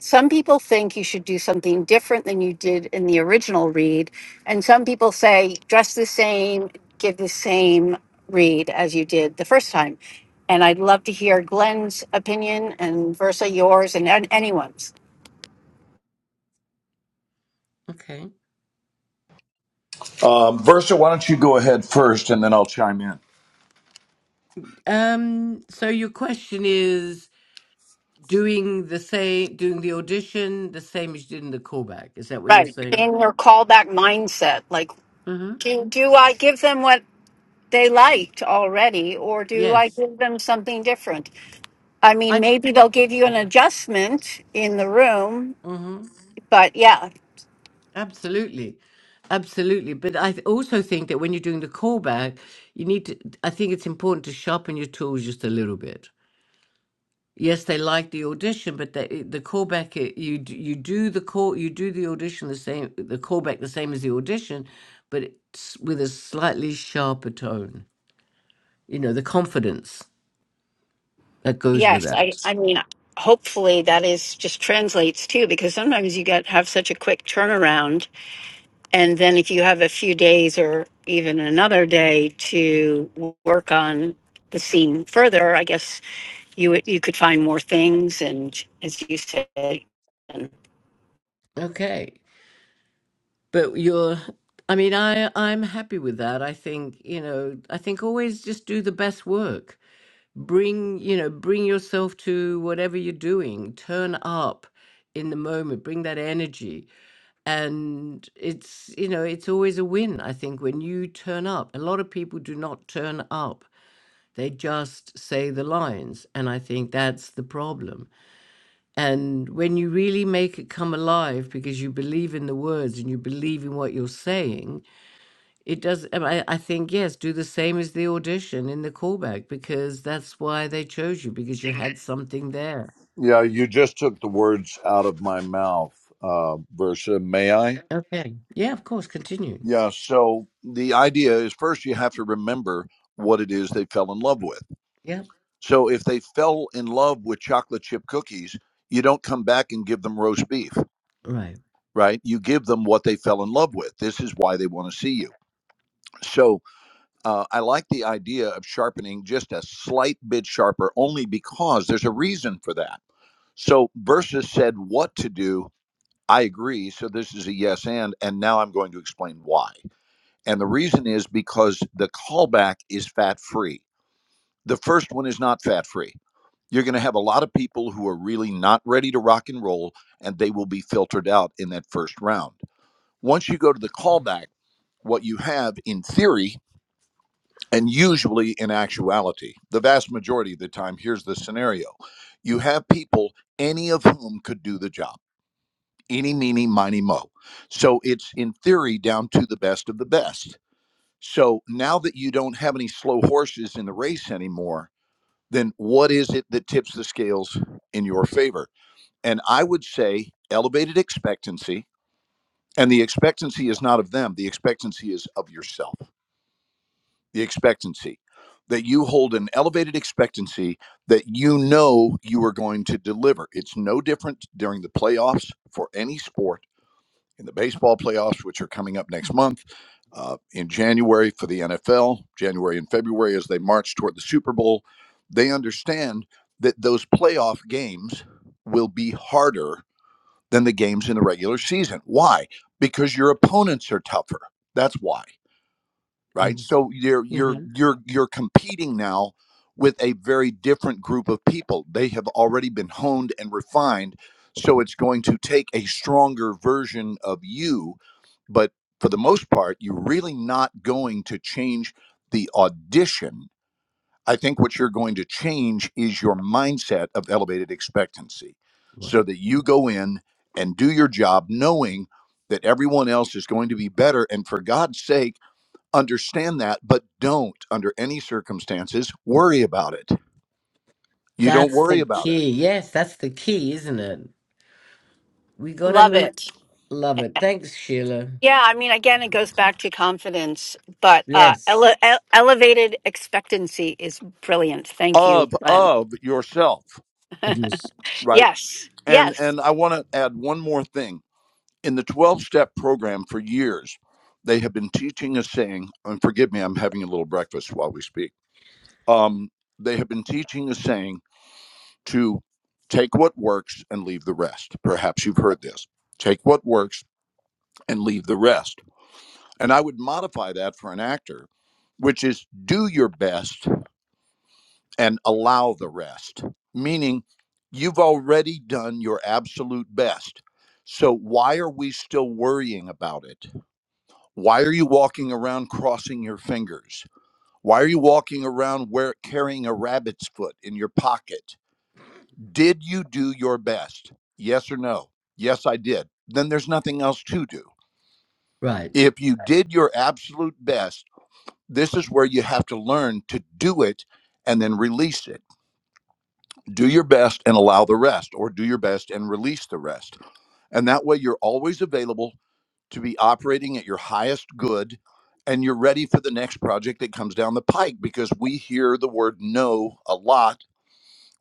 some people think you should do something different than you did in the original read and some people say dress the same give the same read as you did the first time and i'd love to hear glenn's opinion and versa yours and, an- anyone's
Okay.
Um, Versa, why don't you go ahead first, and then I'll chime in.
Um. So your question is doing the same, doing the audition the same as you did in the callback. Is that what you're
right
saying?
in your callback mindset like
Mm-hmm.
do, do i give them what they liked already or do i
Yes.
give them something different i mean
I.
maybe they'll give you an adjustment in the room
Mm-hmm.
but yeah
Absolutely. Absolutely. But I th- also think that when you're doing the callback, you need to. I think it's important to sharpen your tools just a little bit Yes, they like the audition, but they, the callback it- you d- you do the call you do the audition the same the callback the same as the audition, but it's with a slightly sharper tone. You know the confidence that goes with
Yes, I
that.
I mean hopefully that is just translates too because sometimes you get have such a quick turnaround and then if you have a few days or even another day to w- work on the scene further, I guess you would- you could find more things and as you say and
Okay. but you're i mean i i'm happy with that i think you know i think always just do the best work bring you know bring yourself to whatever you're doing turn up in the moment bring that energy and it's you know it's always a win i think when you turn up a lot of people do not turn up they just say the lines and i think that's the problem and when you really make it come alive because you believe in the words and you believe in what you're saying, it does. and I, I think, yes, do the same as the audition in the callback because that's why they chose you because you had something there.
Yeah, you just took the words out of my mouth, uh, Versa. May I?
Okay. Yeah, of course. Continue.
Yeah. So the idea is first you have to remember what it is they fell in love with.
Yep.
So if they fell in love with chocolate chip cookies, you don't come back and give them roast beef,
Right.
right? You give them what they fell in love with. This is why they want to see you. So uh, I like the idea of sharpening just a slight bit sharper, only because there's a reason for that. So Versus said what to do I agree. So this is a yes and. And now I'm going to explain why. And the reason is because the callback is fat free. The first one is not fat free. You're going to have a lot of people who are really not ready to rock and roll, and they will be filtered out in that first round. Once you go to the callback, what you have in theory and usually in actuality, the vast majority of the time, here's the scenario you have people, any of whom could do the job Any, meeny, miny, mo. So it's in theory down to the best of the best. So now that you don't have any slow horses in the race anymore, then what is it that tips the scales in your favor? And I would say elevated expectancy. And the expectancy is not of them, the expectancy is of yourself. The expectancy that you hold an elevated expectancy that you know you are going to deliver. It's no different during the playoffs for any sport in the baseball playoffs, which are coming up next month, uh, in January for the NFL, January and February as they march toward the Super Bowl, they understand that those playoff games will be harder than the games in the regular season. Why? Because your opponents are tougher. That's why right
Ex-
so you're you're
hmm
you're you're competing now with a very different group of people they have already been honed and refined so it's going to take a stronger version of you but for the most part you're really not going to change the audition i think what you're going to change is your mindset of elevated expectancy
Well,
so that you go in and do your job knowing that everyone else is going to be better and for god's sake understand that, but don't, under any circumstances, worry about it. You don't
that's
worry
the
about it
key. Yes, that's the key, isn't it? We got to
love
move.
it.
Love it. Thanks, Sheila.
Yeah, I mean again it goes back to confidence, but uh
Yes.
ele- ele- elevated expectancy is brilliant. Thank you,
of
Glenn.
of yourself,
Abuse.
right?
Yes.
And
Yes.
and I want to add one more thing. In the twelve step program for years, they have been teaching a saying. And forgive me, I'm having a little breakfast while we speak. Um, they have been teaching a saying to take what works and leave the rest. Perhaps you've heard this. Take what works and leave the rest And I would modify that for an actor, which is do your best and allow the rest, meaning you've already done your absolute best. So why are we still worrying about it? Why are you walking around crossing your fingers? Why are you walking around where, carrying a rabbit's foot in your pocket? Did you do your best? Yes or no? Yes, I did. Then there's nothing else to do.
Right.
If you did your absolute best, this is where you have to learn to do it and then release it. Do your best and allow the rest, or do your best and release the rest. And that way, you're always available to be operating at your highest good and you're ready for the next project that comes down the pike because we hear the word no a lot,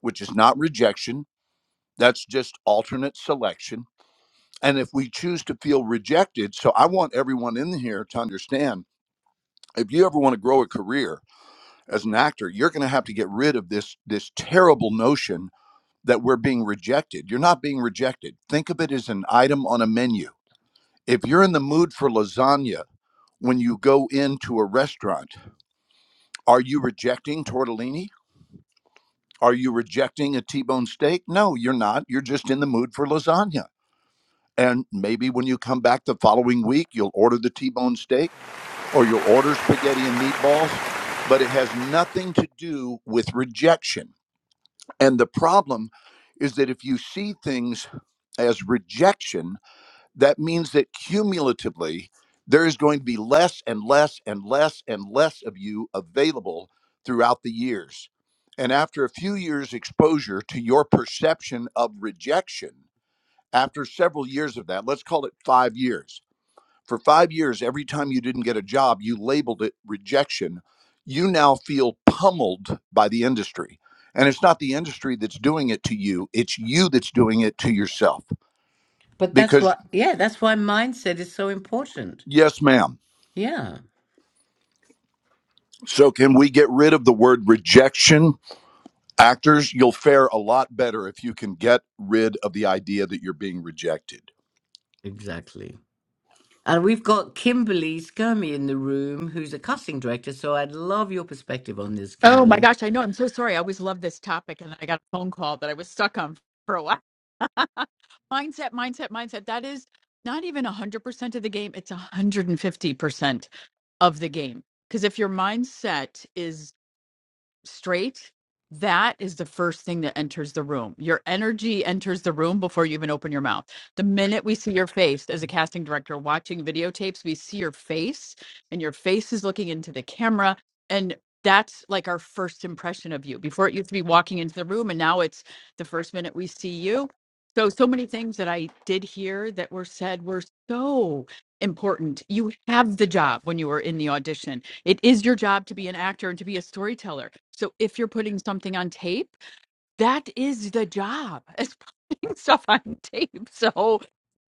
which is not rejection, that's just alternate selection. And if we choose to feel rejected, so I want everyone in here to understand if you ever want to grow a career, as an actor you're going to have to get rid of this this terrible notion that we're being rejected you're not being rejected think of it as an item on a menu if you're in the mood for lasagna when you go into a restaurant are you rejecting tortellini are you rejecting a t-bone steak no you're not you're just in the mood for lasagna and maybe when you come back the following week you'll order the t-bone steak or you'll order spaghetti and meatballs but it has nothing to do with rejection And the problem is that if you see things as rejection, that means that cumulatively there is going to be less and less and less and less of you available throughout the years. And after a few years' exposure to your perception of rejection, after several years of that, let's call it five years for five years, every time you didn't get a job, you labeled it rejection. You now feel pummeled by the industry. And it's not the industry that's doing it to you, it's you that's doing it to yourself.
But that's
Because,
what, yeah, that's why mindset is so important.
yes, ma'am.
Yeah,
So, can we get rid of the word rejection? Actors, you'll fare a lot better if you can get rid of the idea that you're being rejected.
exactly. And we've got Kimberly Skirmy in the room, who's a casting director. So I'd love your perspective on this,
Oh my
Kimberly.
gosh, I know. I'm so sorry. I always love this topic. And I got a phone call that I was stuck on for a while. Mindset, mindset, mindset. That is not even 100% of the game, it's 150% of the game. Because if your mindset is straight, that is the first thing that enters the room. Your energy enters the room before you even open your mouth. The minute we see your face as a casting director watching videotapes, we see your face and your face is looking into the camera. And that's like our first impression of you. Before it used to be walking into the room, and now it's the first minute we see you. So, so many things that I did hear that were said were so important. You have the job when you were in the audition it is your job to be an actor and to be a storyteller. So if you're putting something on tape, that is the job as putting stuff on tape. So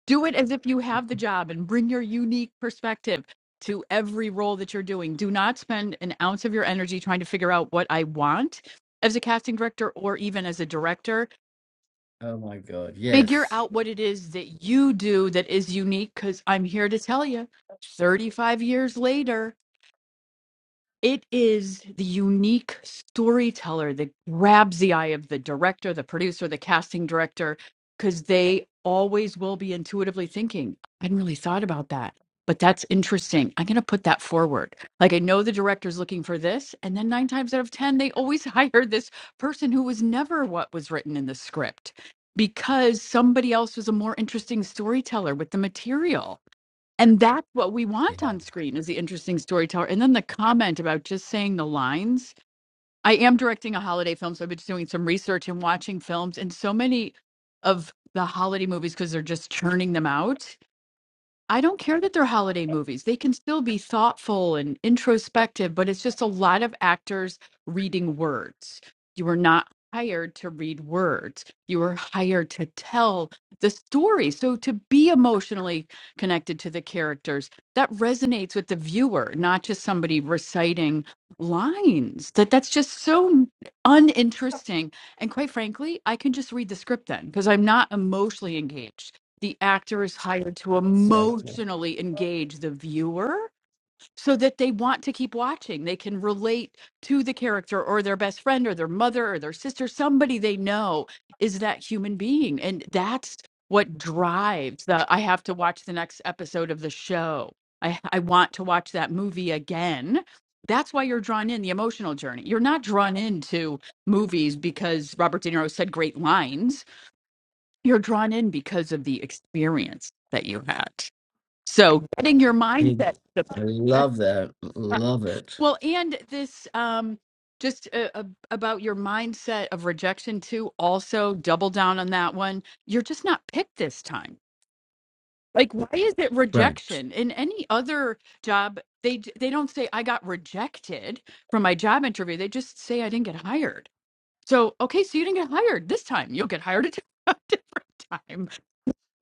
do it as if you have the job and bring your unique perspective to every role that you're doing. Do not spend an ounce of your energy trying to figure out what I want as a casting director or even as a director.
Oh my God.
Figure
Yes.
out what it is that you do that is unique because I'm here to tell you 35 years later It is the unique storyteller that grabs the eye of the director, the producer, the casting director, because they always will be intuitively thinking, I hadn't really thought about that, but that's interesting. I'm going to put that forward. Like, I know the director's looking for this. And then nine times out of 10, they always hire this person who was never what was written in the script because somebody else was a more interesting storyteller with the material and that's what we want
Yeah.
on screen is the interesting storyteller and then the comment about just saying the lines i am directing a holiday film so i've been doing some research and watching films and so many of the holiday movies because they're just churning them out I don't care that they're holiday movies. They can still be thoughtful and introspective, but it's just a lot of actors reading words. You were not hired to read words. You were hired to tell the story. So to be emotionally connected to the characters, that resonates with the viewer, not just somebody reciting lines. That that's just so uninteresting. And quite frankly, I can just read the script then because I'm not emotionally engaged the actor is hired to emotionally engage the viewer so that they want to keep watching. They can relate to the character or their best friend or their mother or their sister, somebody they know is that human being. And that's what drives the I have to watch the next episode of the show. I, I want to watch that movie again. That's why you're drawn in the emotional journey. You're not drawn into movies because Robert De Niro said great lines you're drawn in because of the experience that you had. So getting your
I
mindset.
I
the-
love that. Love it.
well, and this um, just uh, uh, about your mindset of rejection too. Also, double down on that one. You're just not picked this time. Like, why is it
Right.
rejection? In any other job, they d- they don't say I got rejected from my job interview. They just say I didn't get hired. So okay, so you didn't get hired this time. You'll get hired a different time.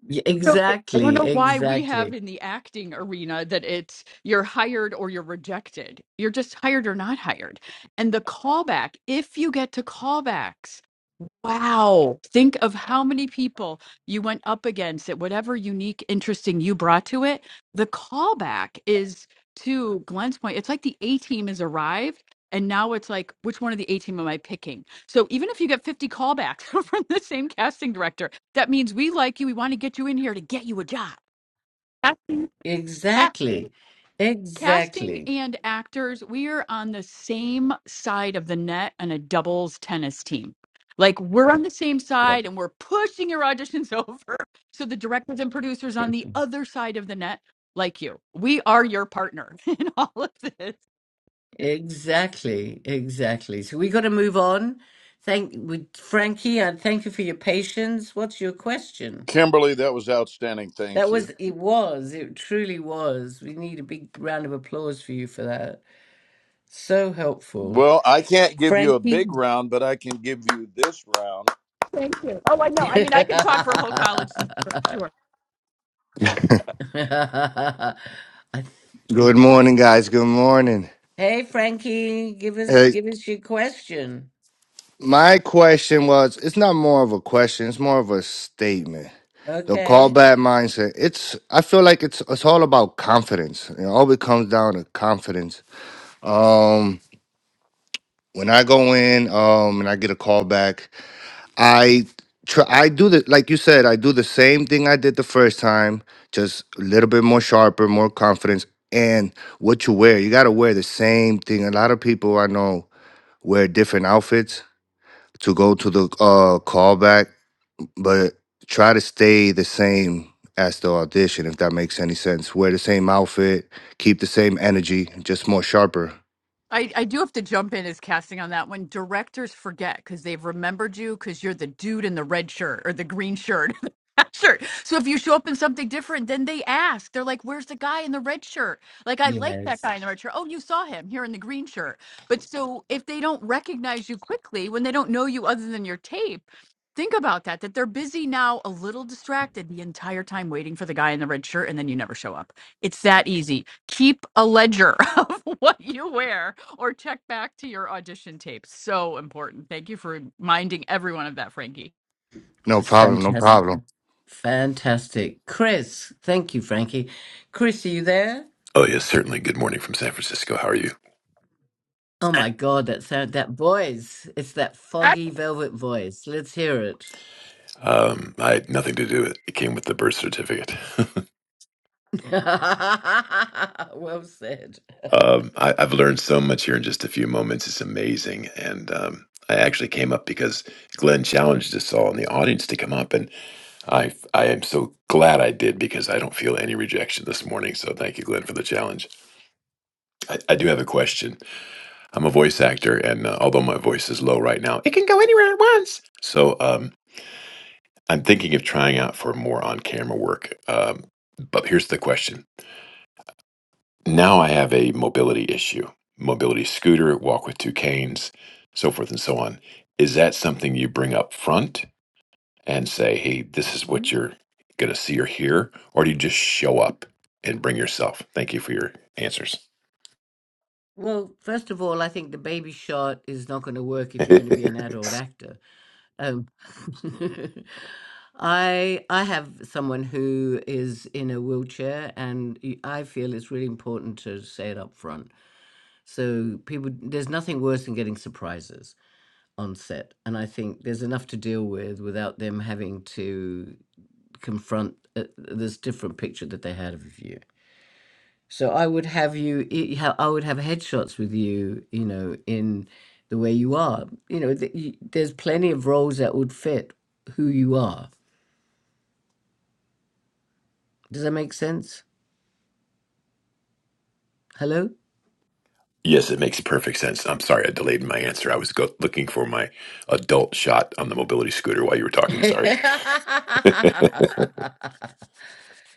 Yeah,
So I I don't
exactly.
know why we have
Exactly.
in the acting arena that it's you're hired or you're rejected. You're just hired or not hired. And the callback, if you get to callbacks, Wow. Think of how many people you went up against at whatever unique, interesting you brought to it. The callback is to Glenn's point, it's like the A team has arrived. And now it's like, which one of the A team am I picking? So even if you get 50 callbacks from the same casting director, that means we like you. We want to get you in here to get you a job. Casting, casting.
Exactly.
Casting
Exactly.
and actors, we are on the same side of the net on a doubles tennis team. Like we're on the same
Love
side and we're pushing your auditions over. So the directors and producers on
it.
the other side of the net, like you, we are your partner in all of this.
Exactly, exactly. So we got to move on. Thank with Frankie, I thank you for your patience. What's your question?
Kimberly, that was outstanding.
That
Thank you.
was it was, it truly was. We need a big round of applause for you for that. So helpful.
Well, I can't give you a
Frankie.
big round, but I can give you this round.
Thank you. Oh, I
I
know. I mean, I could talk for a whole college semester. Sure.
th-
Good
it's-
morning, guys. Good morning.
hey Frankie, give us
Hey,
give us your question.
my question was it's not more of a question, it's more of a statement. The
Okay.
callback mindset, it's I feel like it's it's all about confidence. It always comes down to confidence. Um when I go in um and I get a callback, I try I do the like you said, I do the same thing I did the first time, just a little bit more sharper, more confidence. And what you wear, you gotta wear the same thing. A lot of people I know wear different outfits to go to the uh callback, but try to stay the same as the audition, if that makes any sense. Wear the same outfit, keep the same energy, just more sharper.
I, I do have to jump in as casting on that one. Directors forget because they've remembered you because you're the dude in the red shirt or the green shirt Sure. So if you show up in something different, then they ask. They're like, "Where's the guy in the red shirt?" Like, I like that
Yes.
guy in the red shirt. Oh, you saw him here in the green shirt. But so if they don't recognize you quickly, when they don't know you other than your tape, think about that. That they're busy now, a little distracted the entire time waiting for the guy in the red shirt, and then you never show up. It's that easy. Keep a ledger of what you wear, or check back to your audition tape. So important. Thank you for reminding everyone of that, Frankie.
No
It's
problem, no
fantastic.
problem.
Fantastic. Chris, thank you, Frankie. Chris, are you there?
Oh yes, certainly. Good morning from San Francisco. How are you?
Oh my God, that sound, that voice. It's that foggy velvet voice. Let's hear it.
Um, I had nothing to do with it. It came with the birth certificate.
well said.
um, I, I've learned so much here in just a few moments. It's amazing, and um, I actually came up because Glenn challenged us all in the audience to come up, and I I am so glad I did because I don't feel any rejection this morning. So thank you, Glenn, for the challenge. I, I do have a question. I'm a voice actor, and uh, although my voice is low right now, it can go anywhere at once. So um, I'm thinking of trying out for more on camera work. Um, but here's the question. Now I have a mobility issue, mobility scooter, walk with two canes, so forth and so on. Is that something you bring up front and say, hey, this is what
Mhm.
you're going to see or hear? Or do you just show up and bring yourself? Thank you for your answers.
Well, first of all, I think the baby shot is not going to work if you're going
yes,
to be an adult actor. Oh, I I have someone who is in a wheelchair, and y- I feel it's really important to say it up front. So people, there's nothing worse than getting surprises on set, and I think there's enough to deal with without them having to confront uh, this different picture that they had of you. So I would have you, i- would have headshots with you, you know, in the way you are. You know, th- y- there's plenty of roles that would fit who you are. Does that make sense? Hello?
it makes perfect sense. I'm sorry I delayed my answer. I was go- looking for my adult shot on the mobility scooter while you were talking. Sorry.
I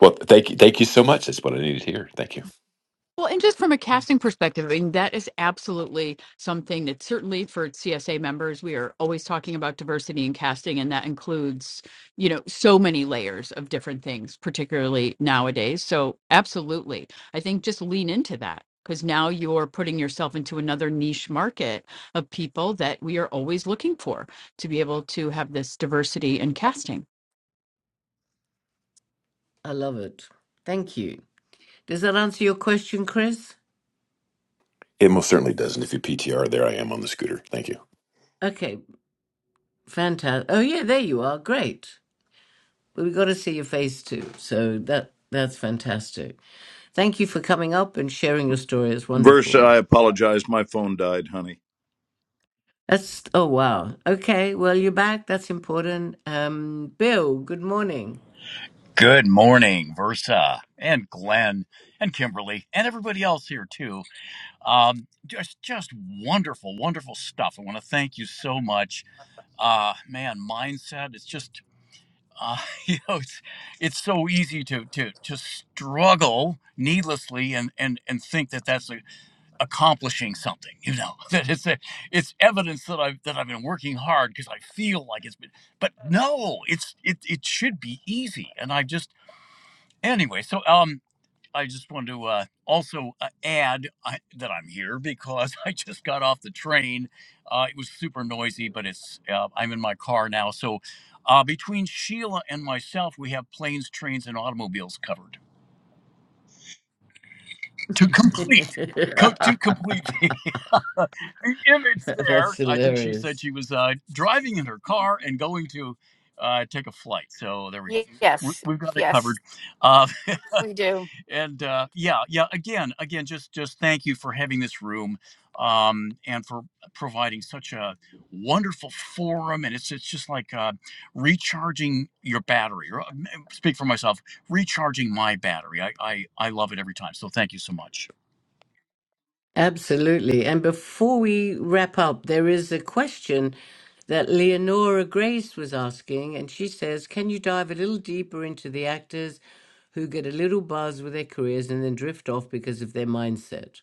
Well, thank you. Thank you so much. That's what I needed to hear. Thank you.
Well, and just from a casting perspective, I mean, that is absolutely something that certainly for CSA members, we are always talking about diversity in casting, and that includes, you know, so many layers of different things, particularly nowadays. So, absolutely. I think just lean into that because now you're putting yourself into another niche market of people that we are always looking for to be able to have this diversity in casting.
love it. Thank you. Does that answer your question, Chris?
It most certainly doesn't. If you PTR, there I am on the scooter. Thank you.
Okay, fantastic. Oh yeah, there you are. Great. But we got to see your face too. So that that's fantastic. Thank you for coming up and sharing your story. It's
Versa,
wonderful.
I apologize. My phone died, honey.
That's oh wow. Okay, well you're back. That's important. Um, Bill, good morning.
Good morning, Versa and Glenn and Kimberly and everybody else here too. Um, just just wonderful, wonderful stuff. I want to thank you so much. Uh, man, mindset. It's just uh, you know, it's it's so easy to to to struggle needlessly and and and think that that's a, accomplishing something. You know that it's a, it's evidence that I've that I've been working hard because I feel like it's been. But no, it's it it should be easy, and I just Anyway, so um, I just wanted to uh, also uh, add I, that I'm here because I just got off the train. Uh, it was super noisy, but it's uh, I'm in my car now. So uh, between Sheila and myself, we have planes, trains, and automobiles covered to complete. Co- to complete the, the image
That's
there, I think she said
hilarious.
she was uh, driving in her car and going to uh, take a flight. So there we go.
Ye-
We-
Yes,
We've got it covered.
yes,
Uh,
we do.
and uh, yeah yeah again again just just thank you for having this room um, and for providing such a wonderful forum and it's it's just like uh, recharging your battery or uh, speak for myself recharging my battery I, I i love it every time so thank you so much
Absolutely. And before we wrap up, there is a question that Leonora Grace was asking, and she says, "Can you dive a little deeper into the actors who get a little buzz with their careers and then drift off because of their mindset?"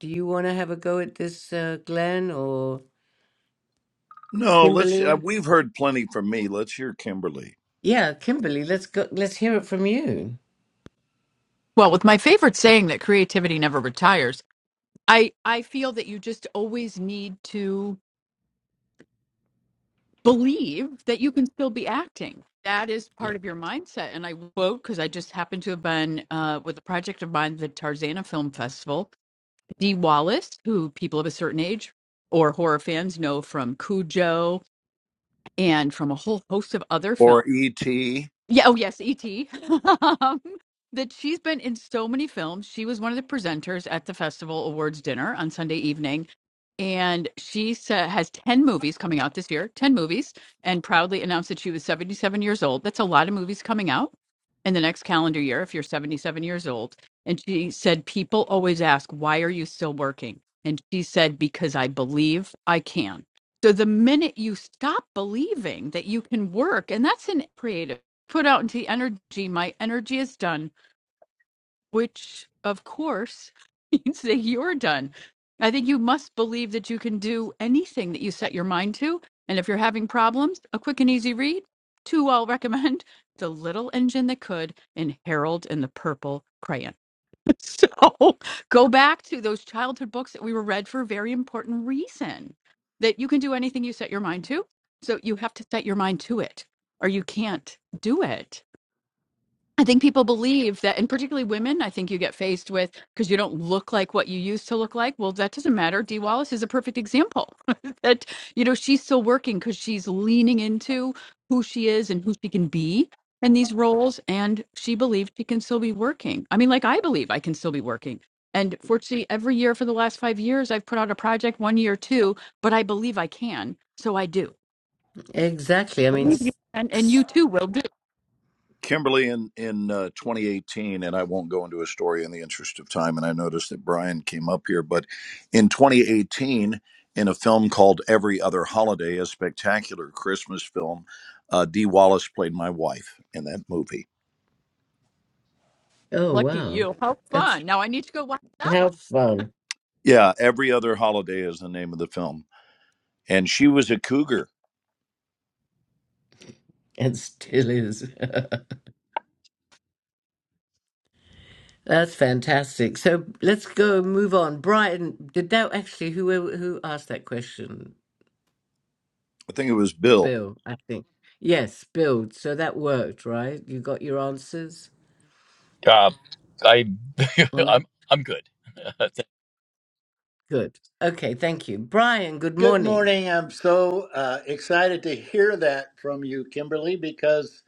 Do you want to have a go at this, uh, Glenn or
No, let's. Uh,
Kimberly?
we've heard plenty from me. Let's hear Kimberly
Yeah, Kimberly, let's go. Let's hear it from you.
Well, with my favorite saying that creativity never retires, I I feel that you just always need to believe that you can still be acting. That is
Yeah.
part of your mindset. And I quote because I just happened to have been uh, with a project of mine, the Tarzana Film Festival. Dee Wallace, who people of a certain age or horror fans know from Cujo and from a whole host of other films.
or E.T.
Yeah. Oh, yes, E.T. um, that she's been in so many films. She was one of the presenters at the festival awards dinner on Sunday evening, and she sa- has ten movies coming out this year. Ten movies, and proudly announced that she was seventy-seven years old. That's a lot of movies coming out in the next calendar year if you're seventy-seven years old. And she said, "People always ask why are you still working?" And she said, "Because I believe I can." So the minute you stop believing that you can work, and that's in creative put out into the energy. My energy is done, which of course means that you're done. I think you must believe that you can do anything that you set your mind to. And if you're having problems, a quick and easy read. Two I'll recommend The Little Engine That Could and Harold and the Purple Crayon. So go back to those childhood books that we were read for a very important reason that you can do anything you set your mind to. So you have to set your mind to it or you can't do it I think people believe that, and particularly women, I think you get faced with because you don't look like what you used to look like. Well, that doesn't matter. Dee Wallace is a perfect example that, you know, she's still working because she's leaning into who she is and who she can be in these roles. And she believed she can still be working. I mean, like I believe I can still be working. And fortunately, every year for the last five years, I've put out a project, one year, two, but I believe I can. So I do.
Exactly. I mean,
Believe you
s-
can, and
s-
you too will do.
Kimberly in in uh, 2018, and I won't go into a story in the interest of time. And I noticed that Brian came up here, but in 2018, in a film called Every Other Holiday, a spectacular Christmas film, uh, Dee Wallace played my wife in that movie.
oh
Lucky
wow,
you. How
that's
fun. Now I need to go watch that one.
how fun
Yeah, Every Other Holiday is the name of the film and she was a cougar.
it still is. that's fantastic. So let's go and move on. Brighton, did that actually? Who who asked that question?
I think it was Bill.
Bill, I think. Yes, Bill. So that worked, right? You got your answers
uh, i
on that.
i'm i'm good
Good. Okay, thank you, Brian. Good
Good
morning.
morning. I'm so uh, excited to hear that from you, Kimberly, because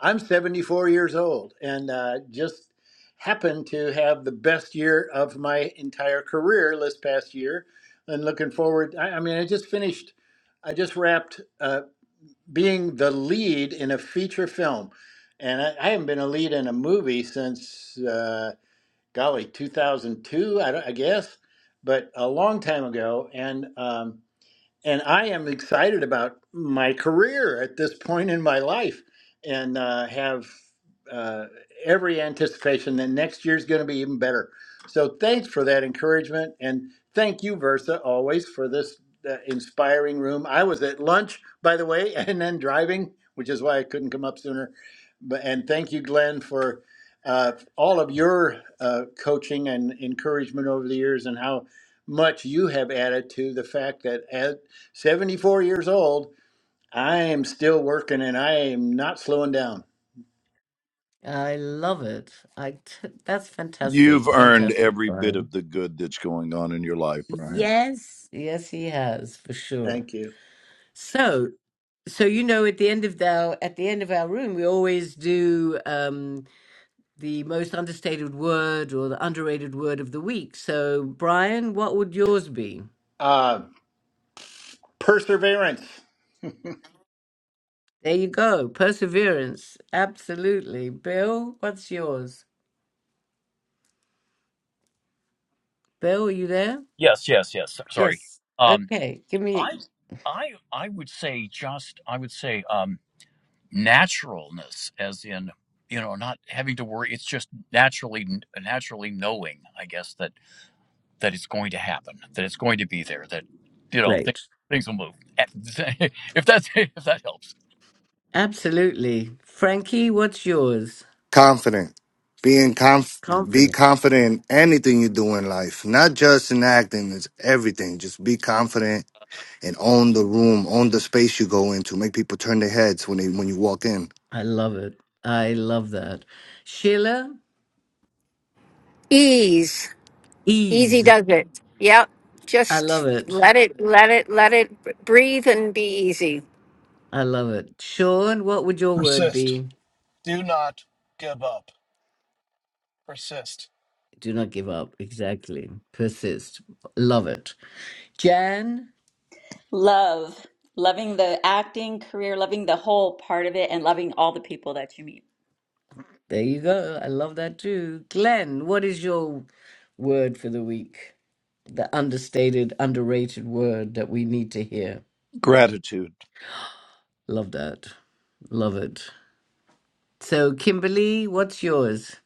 I'm 74 years old and uh, just happened to have the best year of my entire career this past year. And looking forward, I, I mean, I just finished, I just wrapped uh, being the lead in a feature film. And I, I haven't been a lead in a movie since, uh, golly, 2002, I, don't- I guess, but a long time ago. And, um, and I am excited about my career at this point in my life, and uh, have uh, every anticipation that next year's going to be even better. So thanks for that encouragement, and thank you, Versa, always for this uh, inspiring room. I was at lunch, by the way, and then driving, which is why I couldn't come up sooner. But and thank you, Glenn, for uh, all of your uh, coaching and encouragement over the years, and how much you have added to the fact that as 74 years old. I am still working and I am not slowing down.
I love it. I t- that's
You've
fantastic.
earned
Fantastic,
every bit
Brian.
of the good that's going on in your life, Brian.
Yes, yes, he has for sure.
Thank you.
So, so you know, at the end of our at the end of our room, we always do um, the most understated word or the underrated word of the week. So, Brian, what would yours be?
Uh, perseverance.
There you go, perseverance. Absolutely, Bill. What's yours? Bill, are you there?
yes yes yes sorry
Yes.
um
Okay, give me.
i i i would say just i would say um naturalness as in you know not having to worry it's just naturally naturally knowing i guess that that it's going to happen that it's going to be there that you know th-
Great.
things will move if that's if that helps
Absolutely, Frankie. What's yours?
Confident. Being conf be
Confidence.
confident in anything you do in life. Not just in acting, it's everything. Just be confident and own the room, own the space you go into. Make people turn their heads when they when you walk in.
I love it. I love that. Sheila,
Ease, easy
ease.
does it. Yep.
I love
Just
it.
let it, let it, let it b- breathe and be easy.
I love it. Sean, what would your word
persist.
be?
Do not give up. Persist.
Do not give up. Exactly. Persist. Love it. Jan,
Love. Loving the acting career, loving the whole part of it, and loving all the people that you meet.
there you go. I love that too. Glenn, what is your word for the week? The understated, underrated word that we need to hear.
Gratitude.
Love that. Love it. So, Kimberly, what's yours?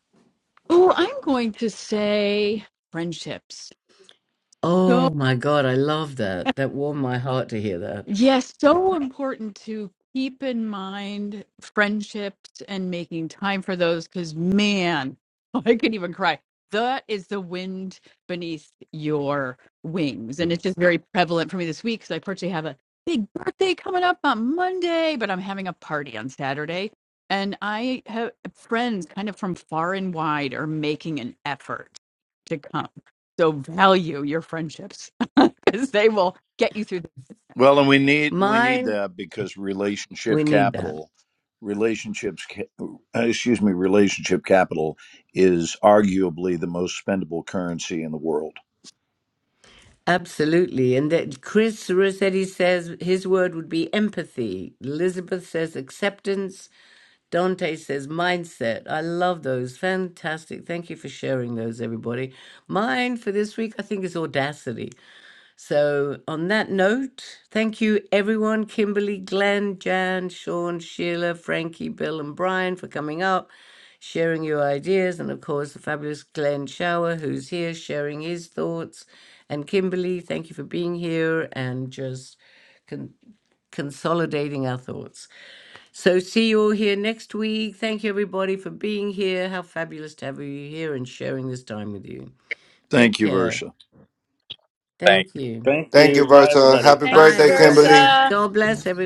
Oh, I'm going to say friendships. So
Oh my God, I love that. That warmed my heart to hear that.
Yes, so important to keep in mind friendships and making time for those because, man, I could even cry. That is the wind beneath your wings. And it's just
Yes.
very prevalent for me this week because I personally have a big birthday coming up on Monday, but I'm having a party on Saturday. And I have friends kind of from far and wide are making an effort to come. So value your friendships because they will get you through this.
Well, and we need we need
Mine,
that because relationship
we need that.
capital, relationships, ca- uh, excuse me, relationship capital is arguably the most spendable currency in the world.
Absolutely. And that Chris Rossetti says his word would be empathy. Elizabeth says acceptance. Dante says mindset. I love those. Fantastic. Thank you for sharing those, everybody. Mine for this week, I think, is audacity. So, on that note, thank you everyone Kimberly, Glenn, Jan, Sean, Sheila, Frankie, Bill, and Brian for coming up, sharing your ideas, and of course, the fabulous Glenn Shower, who's here sharing his thoughts. And Kimberly, thank you for being here and just con- consolidating our thoughts. So, see you all here next week. Thank you everybody for being here. How fabulous to have you here and sharing this time with you. Take
Thank you,
care.
Versa.
Thank
Thank you.
Thank
Thank you,
you. Bye,
Bertha.
everybody.
Happy
Bye,
Thanks,
birthday,
everybody.
Kimberly.
Versa.
God bless everyone.